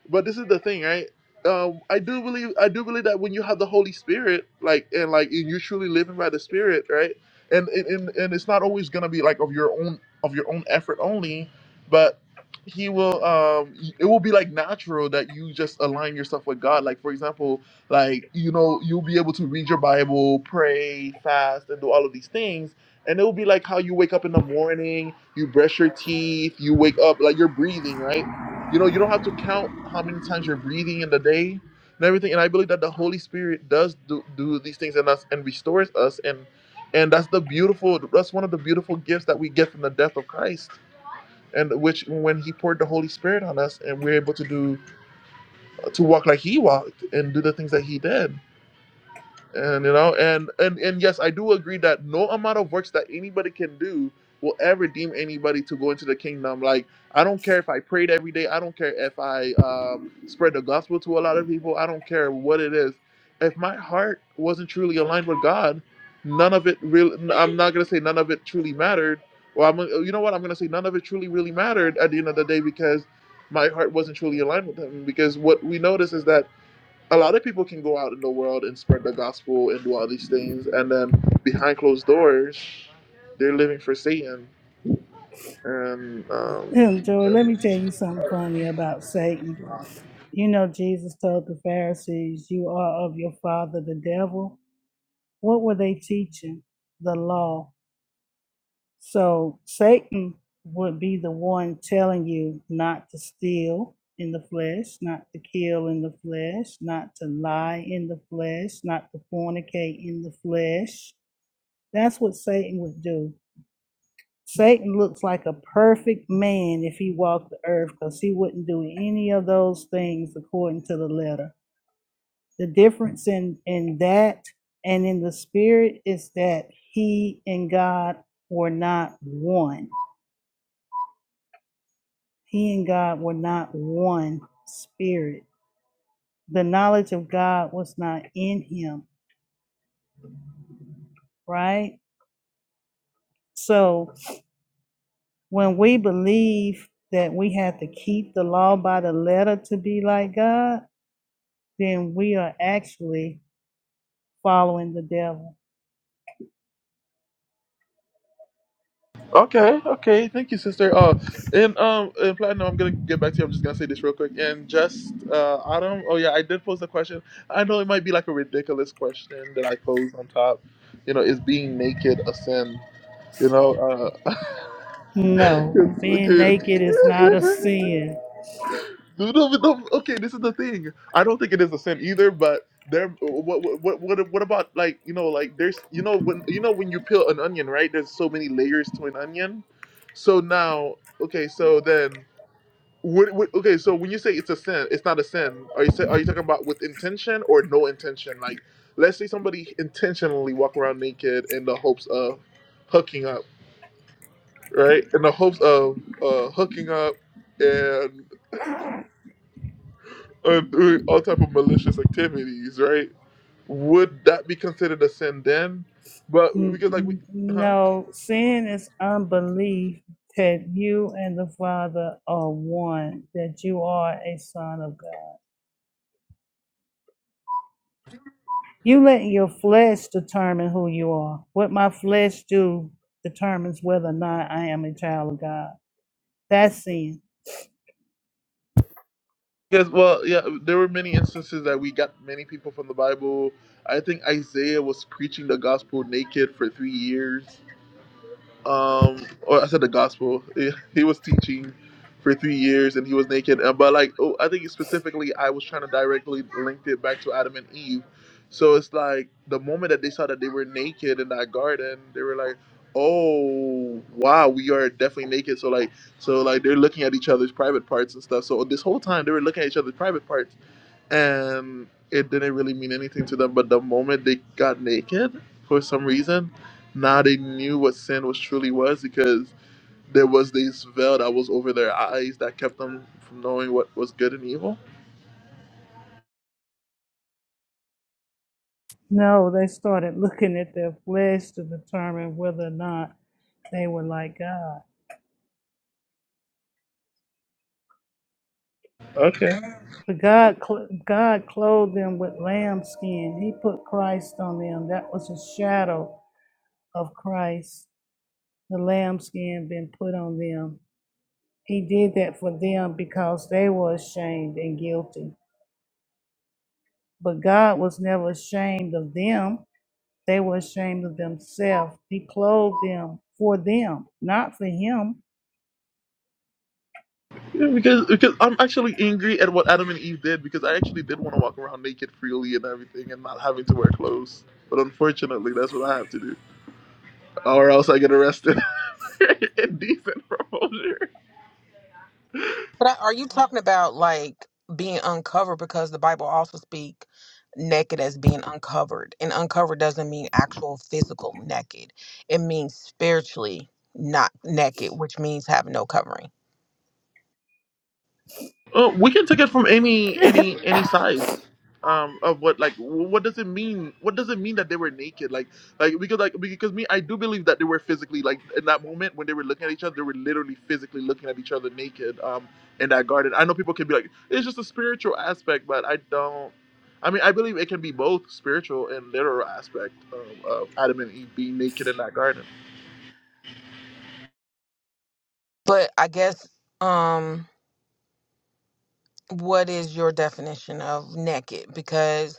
Speaker 1: but this is the thing, right? Um, I do believe I do believe that when you have the Holy Spirit, like and like and you're truly living by the Spirit, right? And and and it's not always gonna be like of your own of your own effort only, but he will um it will be like natural that you just align yourself with God. Like for example, like you know, you'll be able to read your Bible, pray, fast, and do all of these things. And it will be like how you wake up in the morning, you brush your teeth, you wake up, like you're breathing, right? You know, you don't have to count how many times you're breathing in the day and everything. And I believe that the Holy Spirit does do, do these things in us and restores us. And and that's the beautiful. That's one of the beautiful gifts that we get from the death of Christ. And which, when He poured the Holy Spirit on us, and we're able to do to walk like He walked and do the things that He did and you know and and and yes i do agree that no amount of works that anybody can do will ever deem anybody to go into the kingdom like i don't care if i prayed every day i don't care if i uh, spread the gospel to a lot of people i don't care what it is if my heart wasn't truly aligned with god none of it really i'm not going to say none of it truly mattered well i'm you know what i'm going to say none of it truly really mattered at the end of the day because my heart wasn't truly aligned with him because what we notice is that a lot of people can go out in the world and spread the gospel and do all these things, and then behind closed doors, they're living for Satan. And um,
Speaker 2: Joey, let me tell you something funny about Satan. You know, Jesus told the Pharisees, You are of your father, the devil. What were they teaching? The law. So Satan would be the one telling you not to steal in the flesh, not to kill in the flesh, not to lie in the flesh, not to fornicate in the flesh. That's what Satan would do. Satan looks like a perfect man if he walked the earth because he wouldn't do any of those things according to the letter. The difference in in that and in the spirit is that he and God were not one. He and God were not one spirit. The knowledge of God was not in him, right? So when we believe that we have to keep the law by the letter to be like God, then we are actually following the devil.
Speaker 1: okay, okay, thank you, sister. Uh, and um, and platinum, I'm gonna get back to you. I'm just gonna say this real quick. And just uh, Autumn, oh yeah, I did pose the question. I know it might be like a ridiculous question that I posed on top. You know, is being naked a sin? You know, uh,
Speaker 2: No,
Speaker 1: 'cause-
Speaker 2: being naked is not a
Speaker 1: okay.
Speaker 2: sin.
Speaker 1: No, no, no, okay, this is the thing. I don't think it is a sin either, but there. What, what, what, what about like you know, like there's you know when you know when you peel an onion, right? There's so many layers to an onion. So now, okay, so then, what, what, okay, so when you say it's a sin, it's not a sin. Are you say, are you talking about with intention or no intention? Like, let's say somebody intentionally walk around naked in the hopes of hooking up, right? In the hopes of uh, hooking up and. or doing all type of malicious activities, right? Would that be considered a sin then? But
Speaker 2: N-
Speaker 1: because like we,
Speaker 2: n-
Speaker 1: huh?
Speaker 2: No, sin is unbelief that you and the Father are one, that you are a son of God. You let your flesh determine who you are. What my flesh do determines whether or not I am a child of God. That's sin.
Speaker 1: Because well, yeah, there were many instances that we got many people from the Bible. I think Isaiah was preaching the gospel naked for three years. um or I said the gospel. He was teaching for three years and he was naked. Uh, But like oh, I think specifically I was trying to directly link it back to Adam and Eve. So it's like the moment that they saw that they were naked in that garden, they were like, Oh wow, we are definitely naked. So like so like they're looking at each other's private parts and stuff. So this whole time they were looking at each other's private parts and it didn't really mean anything to them. But the moment they got naked, for some reason, now they knew what sin was truly was because there was this veil that was over their eyes that kept them from knowing what was good and evil.
Speaker 2: No, they started looking at their flesh to determine whether or not they were like God.
Speaker 1: Okay.
Speaker 2: But God, cl- God clothed them with lamb skin. He put Christ on them. That was a shadow of Christ, the lambskin been put on them. He did that for them because they were ashamed and guilty. But God was never ashamed of them. They were ashamed of themselves. He clothed them for them, not for him.
Speaker 1: Yeah, because because I'm actually angry at what Adam and Eve did because I actually did want to walk around naked freely and everything and not having to wear clothes. But unfortunately, that's what I have to do, or else I get arrested. Indecent proposure.
Speaker 3: But I- are you talking about like being uncovered? Because the Bible also speak naked as being uncovered, and uncovered doesn't mean actual physical naked. It means spiritually not naked, which means have no covering.
Speaker 1: Uh, we can take it from any any any sides um, of what like what does it mean? What does it mean that they were naked? Like like because like because me, I do believe that they were physically like in that moment when they were looking at each other, they were literally physically looking at each other naked um, in that garden. I know people can be like, it's just a spiritual aspect, but I don't. I mean, I believe it can be both spiritual and literal aspect of, of Adam and Eve being naked in that garden.
Speaker 3: But I guess um, what is your definition of naked? Because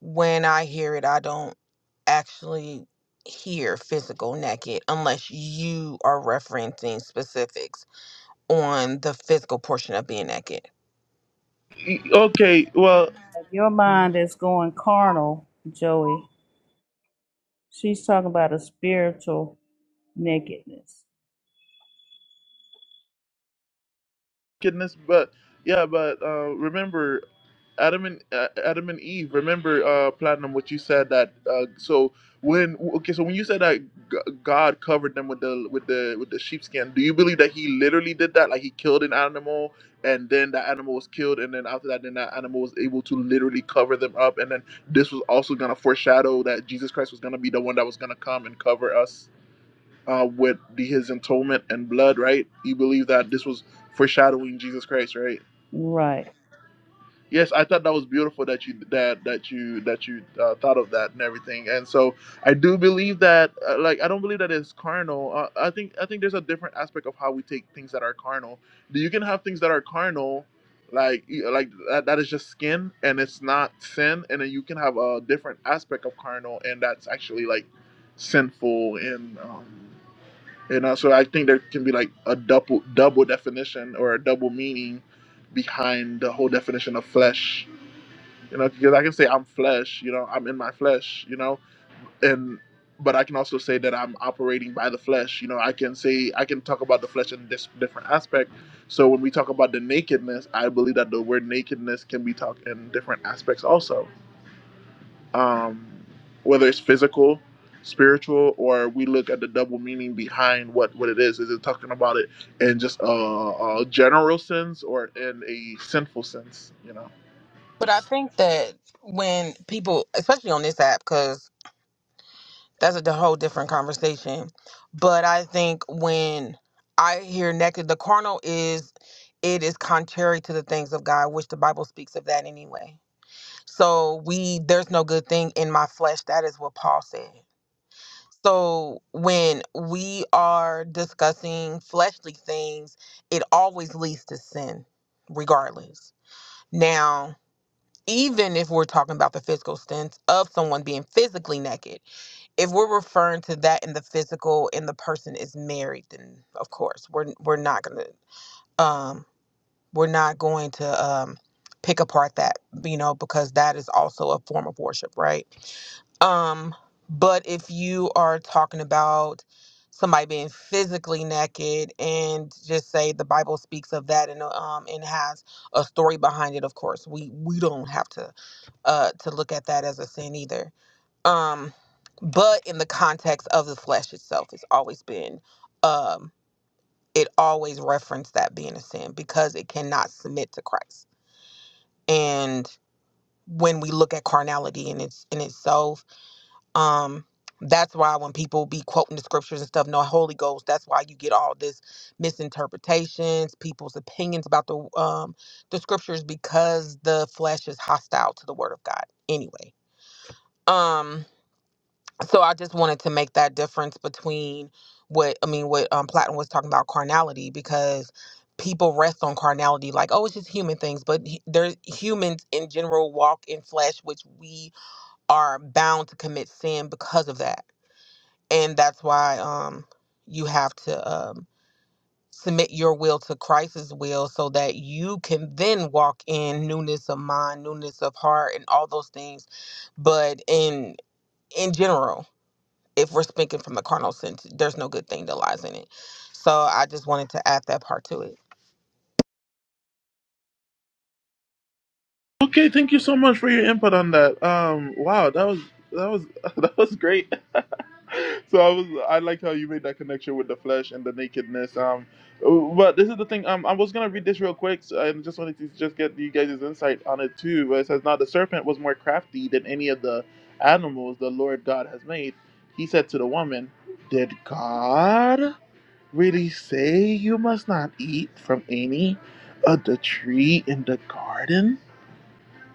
Speaker 3: when I hear it, I don't actually hear physical naked unless you are referencing specifics on the physical portion of being naked.
Speaker 1: E- Okay, well.
Speaker 2: Your mind is going carnal, Joey. She's talking about a spiritual nakedness.
Speaker 1: goodness. But yeah, but uh, remember, Adam and uh, Adam and Eve. Remember, uh, Platinum, what you said that. Uh, so when okay, so when you said that G- God covered them with the with the with the sheepskin, do you believe that He literally did that? Like He killed an animal, and then that animal was killed, and then after that, then that animal was able to literally cover them up, and then this was also gonna foreshadow that Jesus Christ was gonna be the one that was gonna come and cover us uh, with the, his atonement and blood, right? You believe that this was foreshadowing Jesus Christ, right?
Speaker 2: Right.
Speaker 1: Yes, I thought that was beautiful that you that that you that you uh, thought of that and everything, and so I do believe that uh, like I don't believe that it's carnal. Uh, I think I think there's a different aspect of how we take things that are carnal. You can have things that are carnal, like you- like that, that is just skin and it's not sin, and then you can have a different aspect of carnal and that's actually like sinful and um, you know, so I think there can be like a double double definition or a double meaning behind the whole definition of flesh. You know, because I can say I'm flesh. You know, I'm in my flesh. You know, and but I can also say that I'm operating by the flesh. You know, I can say I can talk about the flesh in this different aspect. So when we talk about the nakedness, I believe that the word nakedness can be talked in different aspects also um, whether it's physical, spiritual, or we look at the double meaning behind what, what it is. Is it talking about it in just a, a general sense or in a sinful sense? You know.
Speaker 3: But I think that when people, especially on this app, because that's a d- whole different conversation. But I think when I hear naked, the carnal is it is contrary to the things of God, which the Bible speaks of that anyway. So we there's no good thing in my flesh. That is what Paul said. So when we are discussing fleshly things, it always leads to sin, regardless. Now. even if we're talking about the physical sense of someone being physically naked, if we're referring to that in the physical and the person is married, then of course we're we're not gonna um we're not going to um pick apart that you know because that is also a form of worship, right? Um, but if you are talking about somebody being physically naked and just say the Bible speaks of that and um and has a story behind it, of course we we don't have to uh, to look at that as a sin either. Um, but in the context of the flesh itself, it's always been, um, it always referenced that being a sin because it cannot submit to Christ. And when we look at carnality in its in itself, um, that's why when people be quoting the scriptures and stuff, no Holy Ghost, that's why you get all this misinterpretations, people's opinions about the um the scriptures because the flesh is hostile to the word of God anyway. Um so I just wanted to make that difference between what I mean, what um, Platon was talking about carnality, because people rest on carnality, like oh, it's just human things, but h- there's humans in general walk in flesh, which we are bound to commit sin because of that, and that's why um you have to um submit your will to Christ's will so that you can then walk in newness of mind, newness of heart and all those things. But in in general if we're speaking from a carnal sense, there's no good thing that lies in it. So I just wanted to add that part to it.
Speaker 1: Okay, thank you so much for your input on that. Um, wow, that was that was that was great. so I was I like how you made that connection with the flesh and the nakedness. Um, but this is the thing. Um, I was gonna read this real quick. So I just wanted to just get you guys' insight on it too. Where it says, "Now the serpent was more crafty than any of the animals the Lord God has made." He said to the woman, "Did God really say you must not eat from any of the tree in the garden?"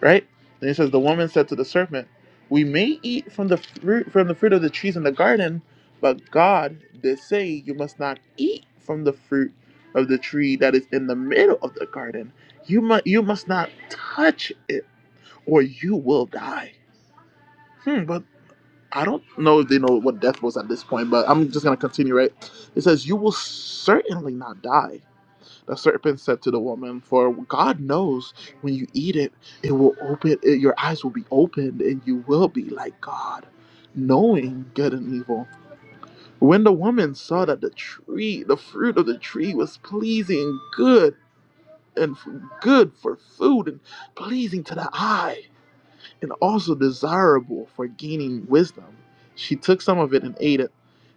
Speaker 1: right? And he says, "The woman said to the serpent, We may eat from the fruit from the fruit of the trees in the garden, but God did say you must not eat from the fruit of the tree that is in the middle of the garden. You must you must not touch it, or you will die." Hmm, but I don't know if they know what death was at this point, but I'm just gonna continue. Right? It says, "You will certainly not die." The serpent said to the woman, For God knows when you eat it, it will open, it, your eyes will be opened, and you will be like God, knowing good and evil. When the woman saw that the tree, the fruit of the tree was pleasing, and good, and f- good for food, and pleasing to the eye, and also desirable for gaining wisdom, she took some of it and ate it.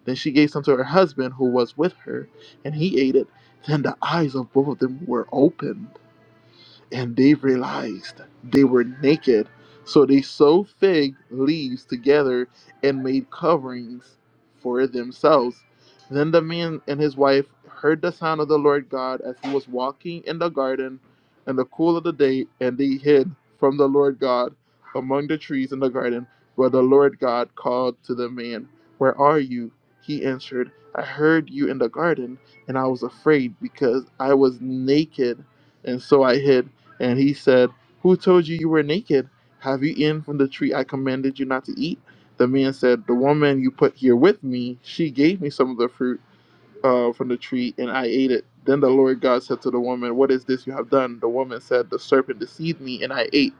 Speaker 1: Then she gave some to her husband who was with her, and he ate it. Then the eyes of both of them were opened and they realized they were naked. So they sewed fig leaves together and made coverings for themselves. Then the man and his wife heard the sound of the Lord God as he was walking in the garden in the cool of the day, and they hid from the Lord God among the trees in the garden. But the Lord God called to the man, Where are you? He answered, I heard you in the garden, and I was afraid because I was naked, and so I hid. And he said, Who told you you were naked? Have you eaten from the tree I commanded you not to eat? The man said, The woman you put here with me, she gave me some of the fruit uh, from the tree, and I ate it. Then the Lord God said to the woman, What is this you have done? The woman said, The serpent deceived me, and I ate.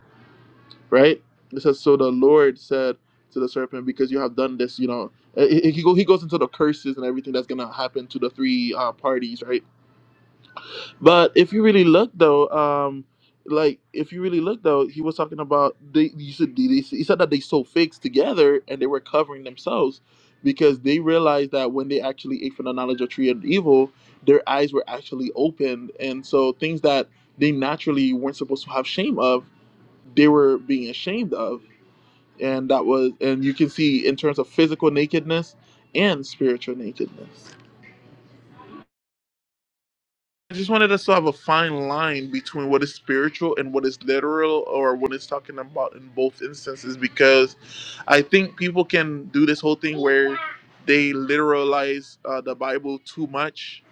Speaker 1: Right? It says, So the Lord said to the serpent, Because you have done this, you know. eh, eh, He go- he goes into the curses and everything that's going to happen to the three uh, parties, right? But if you really look though, um, like if you really look though, he was talking about they. You said they, they- he said that they sold figs together and they were covering themselves because they realized that when they actually ate from the knowledge of tree and evil, their eyes were actually opened, and so things that they naturally weren't supposed to have shame of, they were being ashamed of, and that was, and you can see in terms of physical nakedness and spiritual nakedness. I just wanted us to have a fine line between what is spiritual and what is literal or what it's talking about in both instances because I think people can do this whole thing where they literalize uh, the Bible too much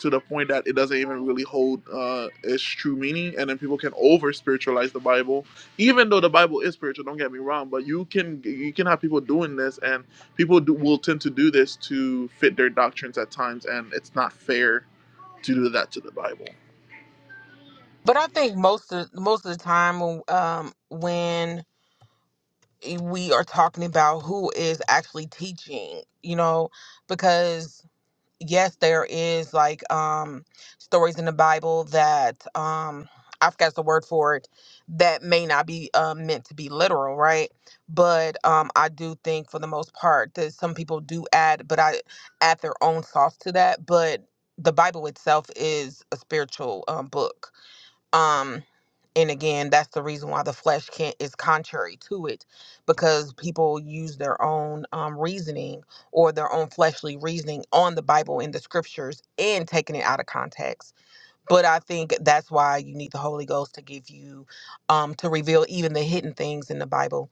Speaker 1: to the point that it doesn't even really hold uh, its true meaning. And then people can over spiritualize the Bible, even though the Bible is spiritual, don't get me wrong, but you can you can have people doing this and people do, will tend to do this to fit their doctrines at times and it's not fair to do that to the Bible.
Speaker 3: But I think most of most of the time, um, when we are talking about who is actually teaching, you know, because yes, there is like um stories in the Bible that um I forgot the word for it that may not be uh, meant to be literal, right? But um I do think for the most part that some people do add, but I add their own sauce to that. But the Bible itself is a spiritual um, book um and again that's the reason why the flesh can't is contrary to it because people use their own um, reasoning or their own fleshly reasoning on the bible and the scriptures and taking it out of context but i think that's why you need the holy ghost to give you um to reveal even the hidden things in the bible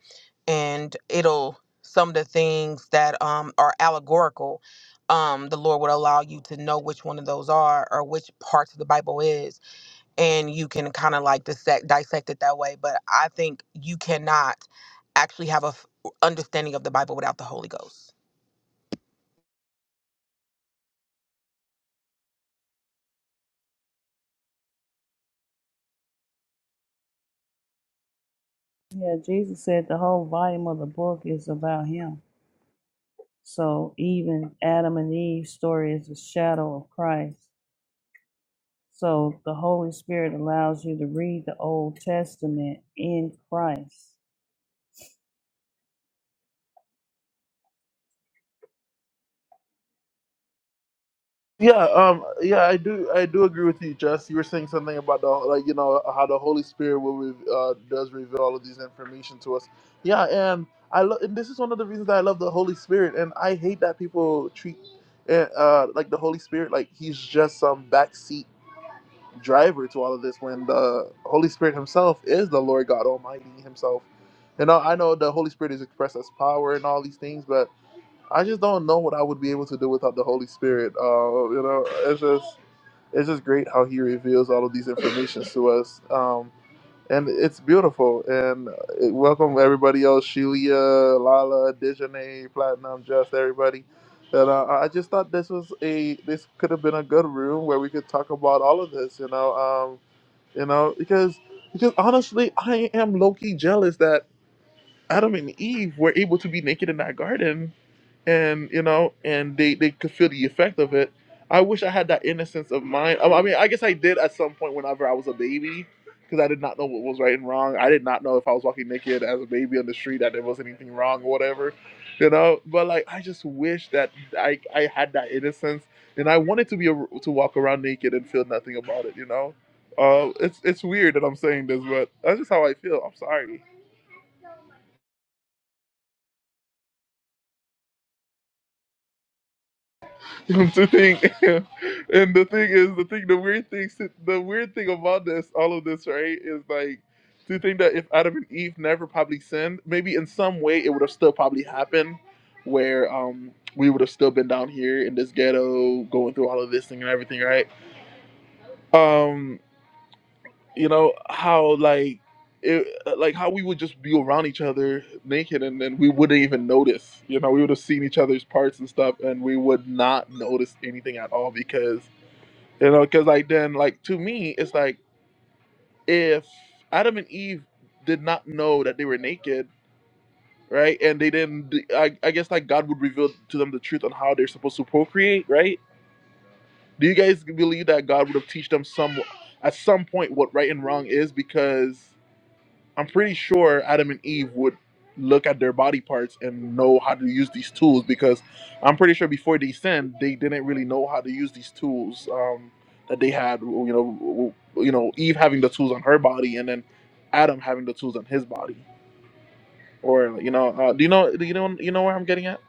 Speaker 3: and it'll some of the things that um are allegorical um the lord would allow you to know which one of those are or which parts of the bible is and you can kind of like dissect dissect it that way but i think you cannot actually have a f- understanding of the bible without the holy ghost
Speaker 2: Yeah, Jesus said the whole volume of the book is about him. So even Adam and Eve's story is a shadow of Christ. So the Holy Spirit allows you to read the Old Testament in Christ.
Speaker 1: Yeah, um, yeah, I do, I do agree with you, Jess. You were saying something about the, like, you know, how the Holy Spirit will, re- uh, does reveal all of these information to us. Yeah, and I love, and this is one of the reasons that I love the Holy Spirit, and I hate that people treat, uh, uh, like the Holy Spirit like he's just some backseat driver to all of this, when the Holy Spirit Himself is the Lord God Almighty Himself. You know, I know the Holy Spirit is expressed as power and all these things, but I just don't know what I would be able to do without the Holy Spirit. Uh, you know, it's just it's just great how He reveals all of these informations to us, um, and it's beautiful. And uh, welcome everybody else, Shelia, Lala, Dejanay, Platinum, Just everybody. And uh, I just thought this was a this could have been a good room where we could talk about all of this. You know, um, you know, because because honestly, I am low key jealous that. Adam and Eve were able to be naked in that garden, and you know, and they they could feel the effect of it. I wish I had that innocence of mind. I I mean, I guess I did at some point whenever I was a baby, because I did not know what was right and wrong. I did not know if I was walking naked as a baby on the street that there was anything wrong or whatever, you know. But like, I just wish that I I had that innocence, and I wanted to be a, to walk around naked and feel nothing about it, you know. Uh, it's it's weird that I'm saying this, but that's just how I feel. I'm sorry. the thing, and the thing is, the thing, the weird thing, si, the weird thing about this, all of this, right, is like to think that if Adam and Eve never probably sinned, maybe in some way it would have still probably happened, where um we would have still been down here in this ghetto, going through all of this thing and everything, right? Um, you know how like it, like how we would just be around each other naked, and then we wouldn't even notice. You know, we would have seen each other's parts and stuff, and we would not notice anything at all because you know, because like then, like to me, it's like if Adam and Eve did not know that they were naked, right? And they didn't. I, I guess like God would reveal to them the truth on how they're supposed to procreate, right? Do you guys believe that God would have teach them some at some point what right and wrong is because? I'm pretty sure Adam and Eve would look at their body parts and know how to use these tools because I'm pretty sure before they sinned, they didn't really know how to use these tools um, that they had. You know, you know, Eve having the tools on her body, and then Adam having the tools on his body or you know, uh, do you know, do you know, you know where I'm getting at?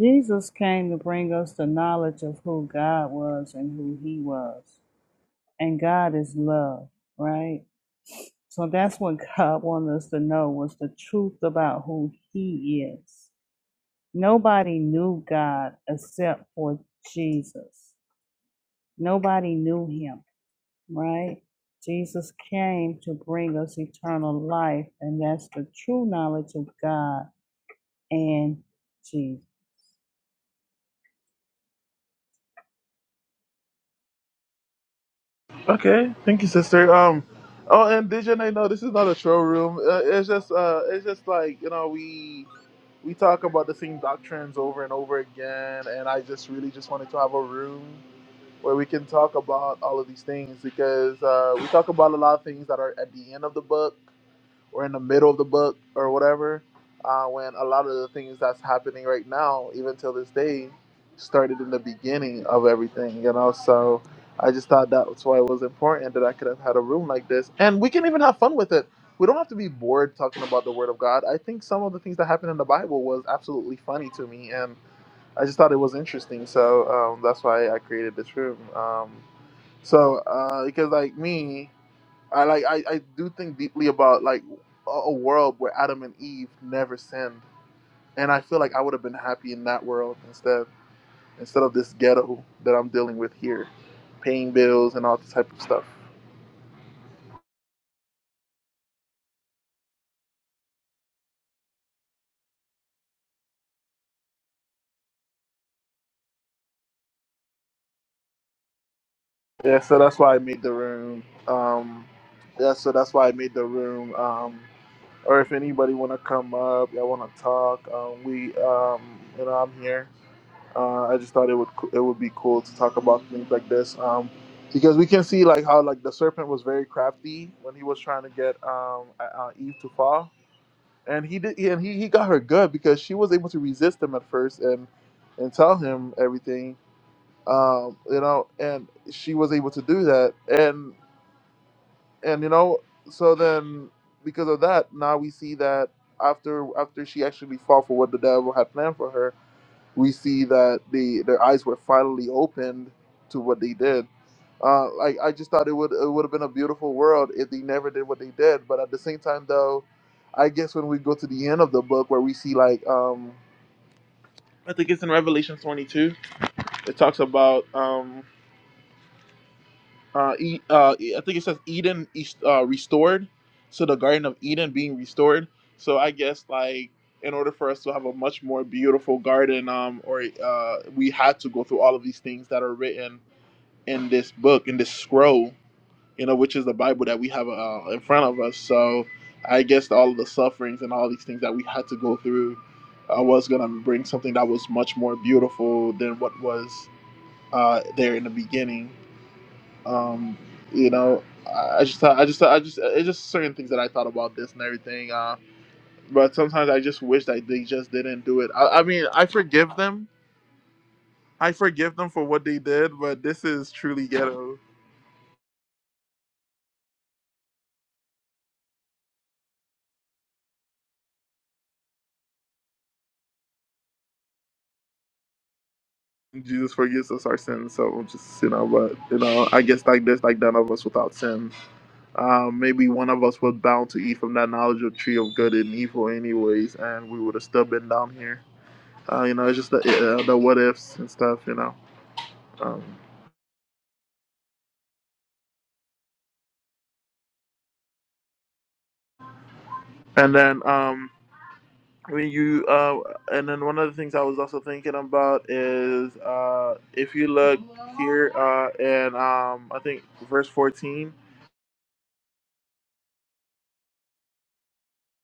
Speaker 2: Jesus came to bring us the knowledge of who God was and who he was. And God is love, right? So that's what God wanted us to know was the truth about who he is. Nobody knew God except for Jesus. Nobody knew him right? Jesus came to bring us eternal life, and that's the true knowledge of God and Jesus.
Speaker 1: Okay, thank you, sister. Um, oh, and Dijon, no, this is not a showroom. Uh, it's just, uh, it's just like you know, we we talk about the same doctrines over and over again, and I just really just wanted to have a room where we can talk about all of these things because uh, we talk about a lot of things that are at the end of the book or in the middle of the book or whatever. Uh, when a lot of the things that's happening right now, even till this day, started in the beginning of everything, you know. So I just thought that's why it was important that I could have had a room like this, and we can even have fun with it. We don't have to be bored talking about the Word of God. I think some of the things that happened in the Bible was absolutely funny to me, and. I just thought it was interesting, so um, that's why I created this room. Um, so uh, because like me, I like I, I do think deeply about like a, a world where Adam and Eve never sinned, and I feel like I would have been happy in that world instead instead of this ghetto that I'm dealing with here, paying bills and all this type of stuff. Yeah, so that's why I made the room. Um, yeah, so that's why I made the room. Um, or if anybody want to come up, y'all want to talk, um, we, um, you know, I'm here. Uh, I just thought it would it would be cool to talk about things like this um, because we can see like how like the serpent was very crafty when he was trying to get um, uh, uh, Eve to fall, and he did and he, he got her good because she was able to resist him at first and and tell him everything um, you know and she was able to do that and and you know so then because of that now we see that after after she actually fought for what the devil had planned for her we see that the their eyes were finally opened to what they did. Uh, like I just thought it would it would have been a beautiful world if they never did what they did. But at the same time, though, I guess when we go to the end of the book where we see like um, I think it's in Revelation 22, it talks about. Um, uh, e, uh, e- I think it says Eden is uh, restored, so the Garden of Eden being restored. So I guess like in order for us to have a much more beautiful garden, um, or uh, we had to go through all of these things that are written in this book, in this scroll, you know, which is the Bible that we have uh, in front of us. So I guess all of the sufferings and all these things that we had to go through. uh was gonna bring something that was much more beautiful than what was uh, there in the beginning. Um, you know, I I just, thought- I just, thought- I just, it's just certain things that I thought about this and everything. Uh, but sometimes I just wish that they just didn't do it. I, I mean, I forgive them. I forgive them for what they did, but this is truly ghetto. Jesus forgives us our sins, so just you know. But you know, I guess like this, like none of us without sin. Um, maybe one of us was bound to eat from that knowledge of tree of good and evil, anyways, and we would have still been down here. Uh, you know, it's just the, uh, the what ifs and stuff. You know. Um, And then um, when you uh, and then one of the things I was also thinking about is uh, if you look here uh, in um, I think verse fourteen,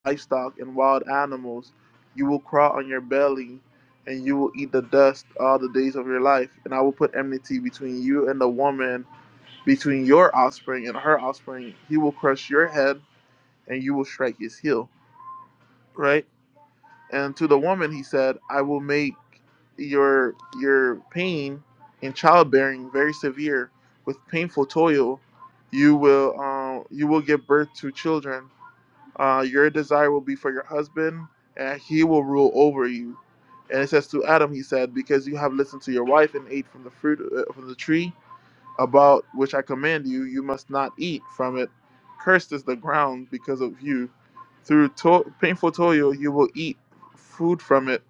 Speaker 1: livestock and wild animals, you will crawl on your belly, and you will eat the dust all the days of your life. And I will put enmity between you and the woman, between your offspring and her offspring. He will crush your head, and you will strike his heel. Right And to the woman he said, I will make your your pain in childbearing very severe with painful toil. You will uh, you will give birth to children. Uh, your desire will be for your husband, and he will rule over you. And it says to Adam, he said, because you have listened to your wife and ate from the fruit uh, from the tree about which I command you, you must not eat from it. Cursed is the ground because of you. Through to- painful toil, you will eat food from it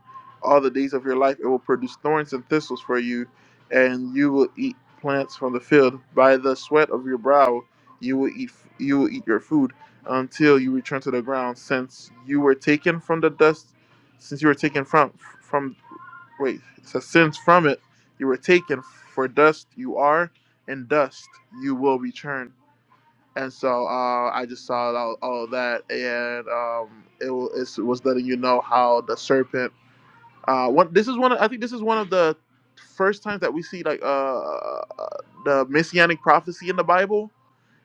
Speaker 1: all the days of your life. It will produce thorns and thistles for you, and you will eat plants from the field. By the sweat of your brow, you will eat. You will eat your food until you return to the ground, since you were taken from the dust. Since you were taken from from. Wait, it says, Since from it you were taken, for dust you are, and dust you will return. And so uh, I just saw all, all of that, and um, it, wa- it's- it was letting you know how the serpent. Uh, one, this is one. Of, I think this is one of the first times that we see like uh, uh, the messianic prophecy in the Bible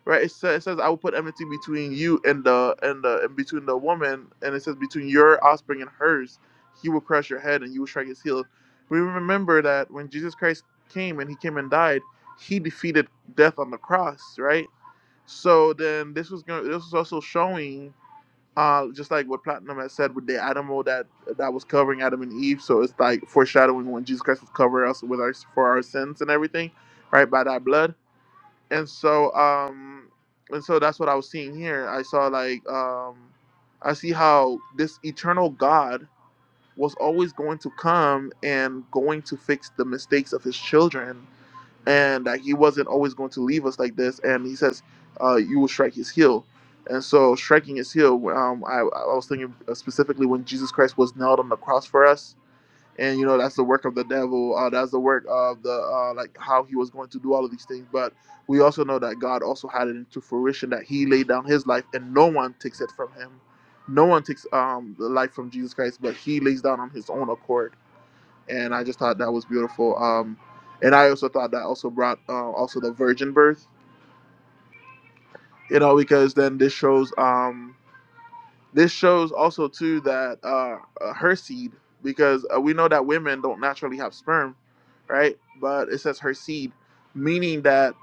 Speaker 1: right? It says, it says I will put enmity between you and the and the and between the woman, and it says between your offspring and hers, he will crush your head and you will strike his heel. We remember that when Jesus Christ came and he came and died, he defeated death on the cross, right? So then this was going this was also showing uh just like what Platinum had said with the animal that that was covering Adam and Eve. So it's like foreshadowing when Jesus Christ would cover us with our for our sins and everything, right? By that blood and so um and so that's what i was seeing here i saw like um i see how this eternal god was always going to come and going to fix the mistakes of his children and that he wasn't always going to leave us like this and he says uh you will strike his heel and so striking his heel um i i was thinking specifically when jesus christ was nailed on the cross for us and you know that's the work of the devil uh, that's the work of the uh, like how he was going to do all of these things but we also know that god also had it into fruition that he laid down his life and no one takes it from him no one takes um, the life from jesus christ but he lays down on his own accord and i just thought that was beautiful um, and i also thought that also brought uh, also the virgin birth you know because then this shows um, This shows also too that uh, uh, her seed, because uh, we know that women don't naturally have sperm, right? But it says her seed, meaning that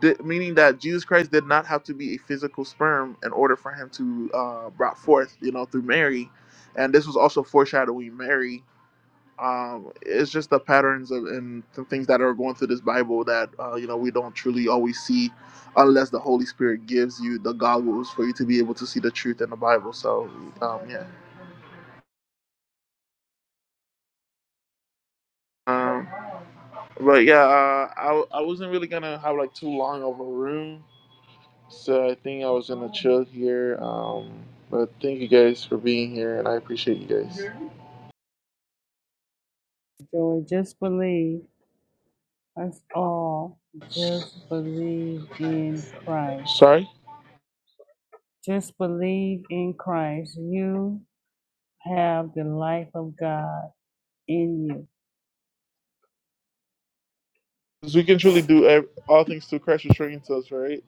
Speaker 1: di- meaning that Jesus Christ did not have to be a physical sperm in order for him to uh, brought forth, you know, through Mary, and this was also foreshadowing Mary um, it's just the patterns of, and the things that are going through this Bible that uh, you know we don't truly always see, unless the Holy Spirit gives you the goggles for you to be able to see the truth in the Bible. So um, yeah, um, but yeah, uh, I I wasn't really gonna have like too long of a room, so I think I was gonna chill here. Um, but thank you guys for being here, and I appreciate you guys.
Speaker 2: So just believe, us all, just believe in Christ.
Speaker 1: Sorry,
Speaker 2: Just believe in Christ. You have the life of God in you.
Speaker 1: 'Cause we can truly do ev- all things through Christ restraining us, right?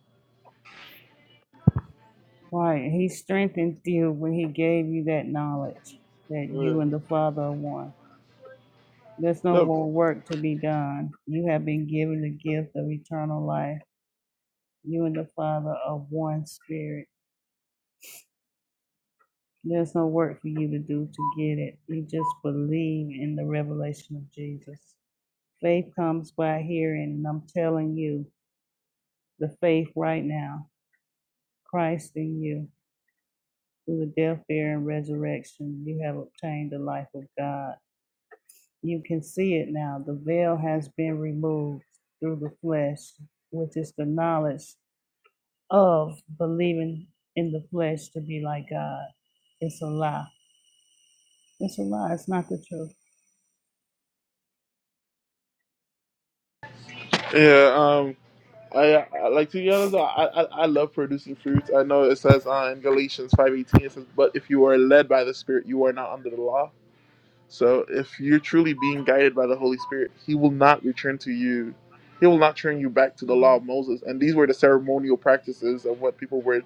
Speaker 2: Right. He strengthened you when he gave you that knowledge that
Speaker 1: Yeah.
Speaker 2: you and the Father are one. There's no
Speaker 1: Yep.
Speaker 2: more work to be done. You have been given the gift of eternal life. You and the Father are one spirit. There's no work for you to do to get it. You just believe in the revelation of Jesus. Faith comes by hearing, and I'm telling you, the faith right now, Christ in you, through the death, burial, and resurrection, you have obtained the life of God. You can see it now. The veil has been removed through the flesh, which is the knowledge of believing in the flesh to be like God. It's a lie. It's a lie. It's not the truth.
Speaker 1: Yeah. um, I, I like to be honest. I, I I love producing fruits. I know it says uh, in Galatians five eighteen it says, "But if you are led by the Spirit, you are not under the law." So if you're truly being guided by the Holy Spirit, He will not return to you. He will not turn you back to the law of Moses. And these were the ceremonial practices of what people were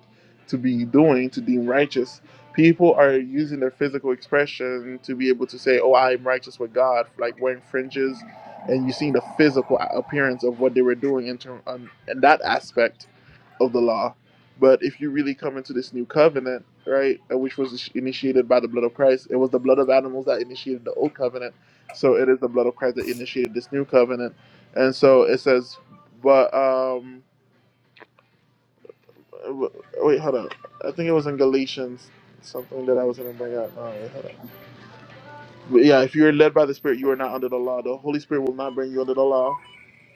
Speaker 1: to be doing to deem righteous. People are using their physical expression to be able to say, "Oh, I am righteous with God," like wearing fringes, and you see the physical appearance of what they were doing in term on in that aspect of the law. But if you really come into this new covenant, right, uh, which was initiated by the blood of Christ, it was the blood of animals that initiated the old covenant. So it is the blood of Christ that initiated this new covenant. And so it says, but, um, w- wait, hold up. I think it was in Galatians, something that I was going to bring up. Oh, wait, hold up. But yeah, if you're led by the Spirit, you are not under the law. The Holy Spirit will not bring you under the law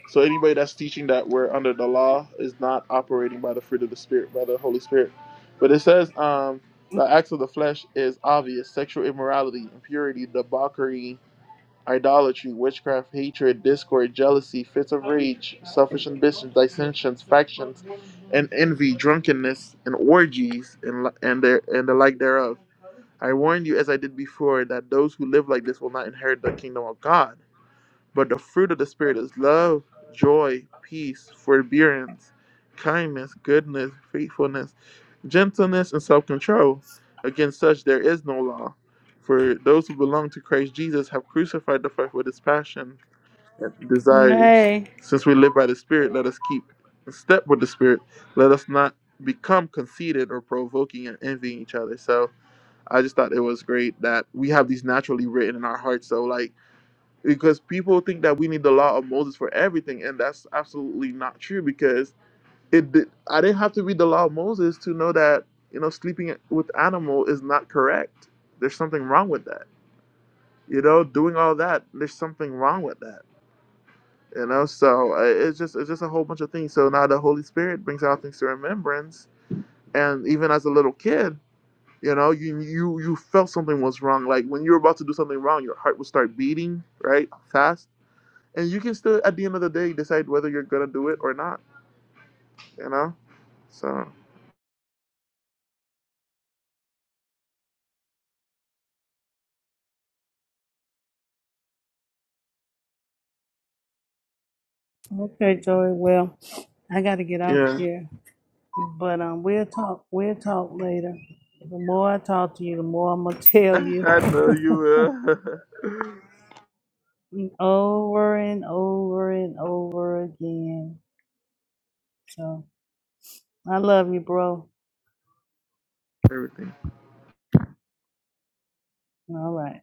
Speaker 1: So anybody that's teaching that we're under the law is not operating by the fruit of the spirit, by the Holy Spirit. But it says um, the acts of the flesh is obvious: sexual immorality, impurity, debauchery, idolatry, witchcraft, hatred, discord, jealousy, fits of rage, selfish ambitions, dissensions, factions, and envy, drunkenness, and orgies, and and their and the like thereof. I warn you, as I did before, that those who live like this will not inherit the kingdom of God. But the fruit of the Spirit is love, joy, peace, forbearance, kindness, goodness, faithfulness, gentleness, and self control. Against such there is no law. For those who belong to Christ Jesus have crucified the flesh with its passion and desires.
Speaker 2: Hey.
Speaker 1: Since we live by the Spirit, let us keep in step with the Spirit. Let us not become conceited or provoking and envying each other. So I just thought it was great that we have these naturally written in our hearts. So, like, because people think that we need the law of Moses for everything, and that's absolutely not true. Because it, did, I didn't have to read the law of Moses to know that you know sleeping with animal is not correct. There's something wrong with that. You know, doing all that, there's something wrong with that. You know, so uh, it's just it's just a whole bunch of things. So now the Holy Spirit brings all things to remembrance, and even as a little kid. You know, you you you felt something was wrong. Like when you were about to do something wrong, your heart would start beating, right, fast and you can still at the end of the day decide whether you're gonna do it or not you know so
Speaker 2: Okay, Joey. Well, I got to get off
Speaker 1: yeah
Speaker 2: here. But um, we'll talk. We'll talk later. The more I talk to you, the more I'm gonna tell you
Speaker 1: i know you will
Speaker 2: over and over and over again. So I love you, bro.
Speaker 1: everything
Speaker 2: All right.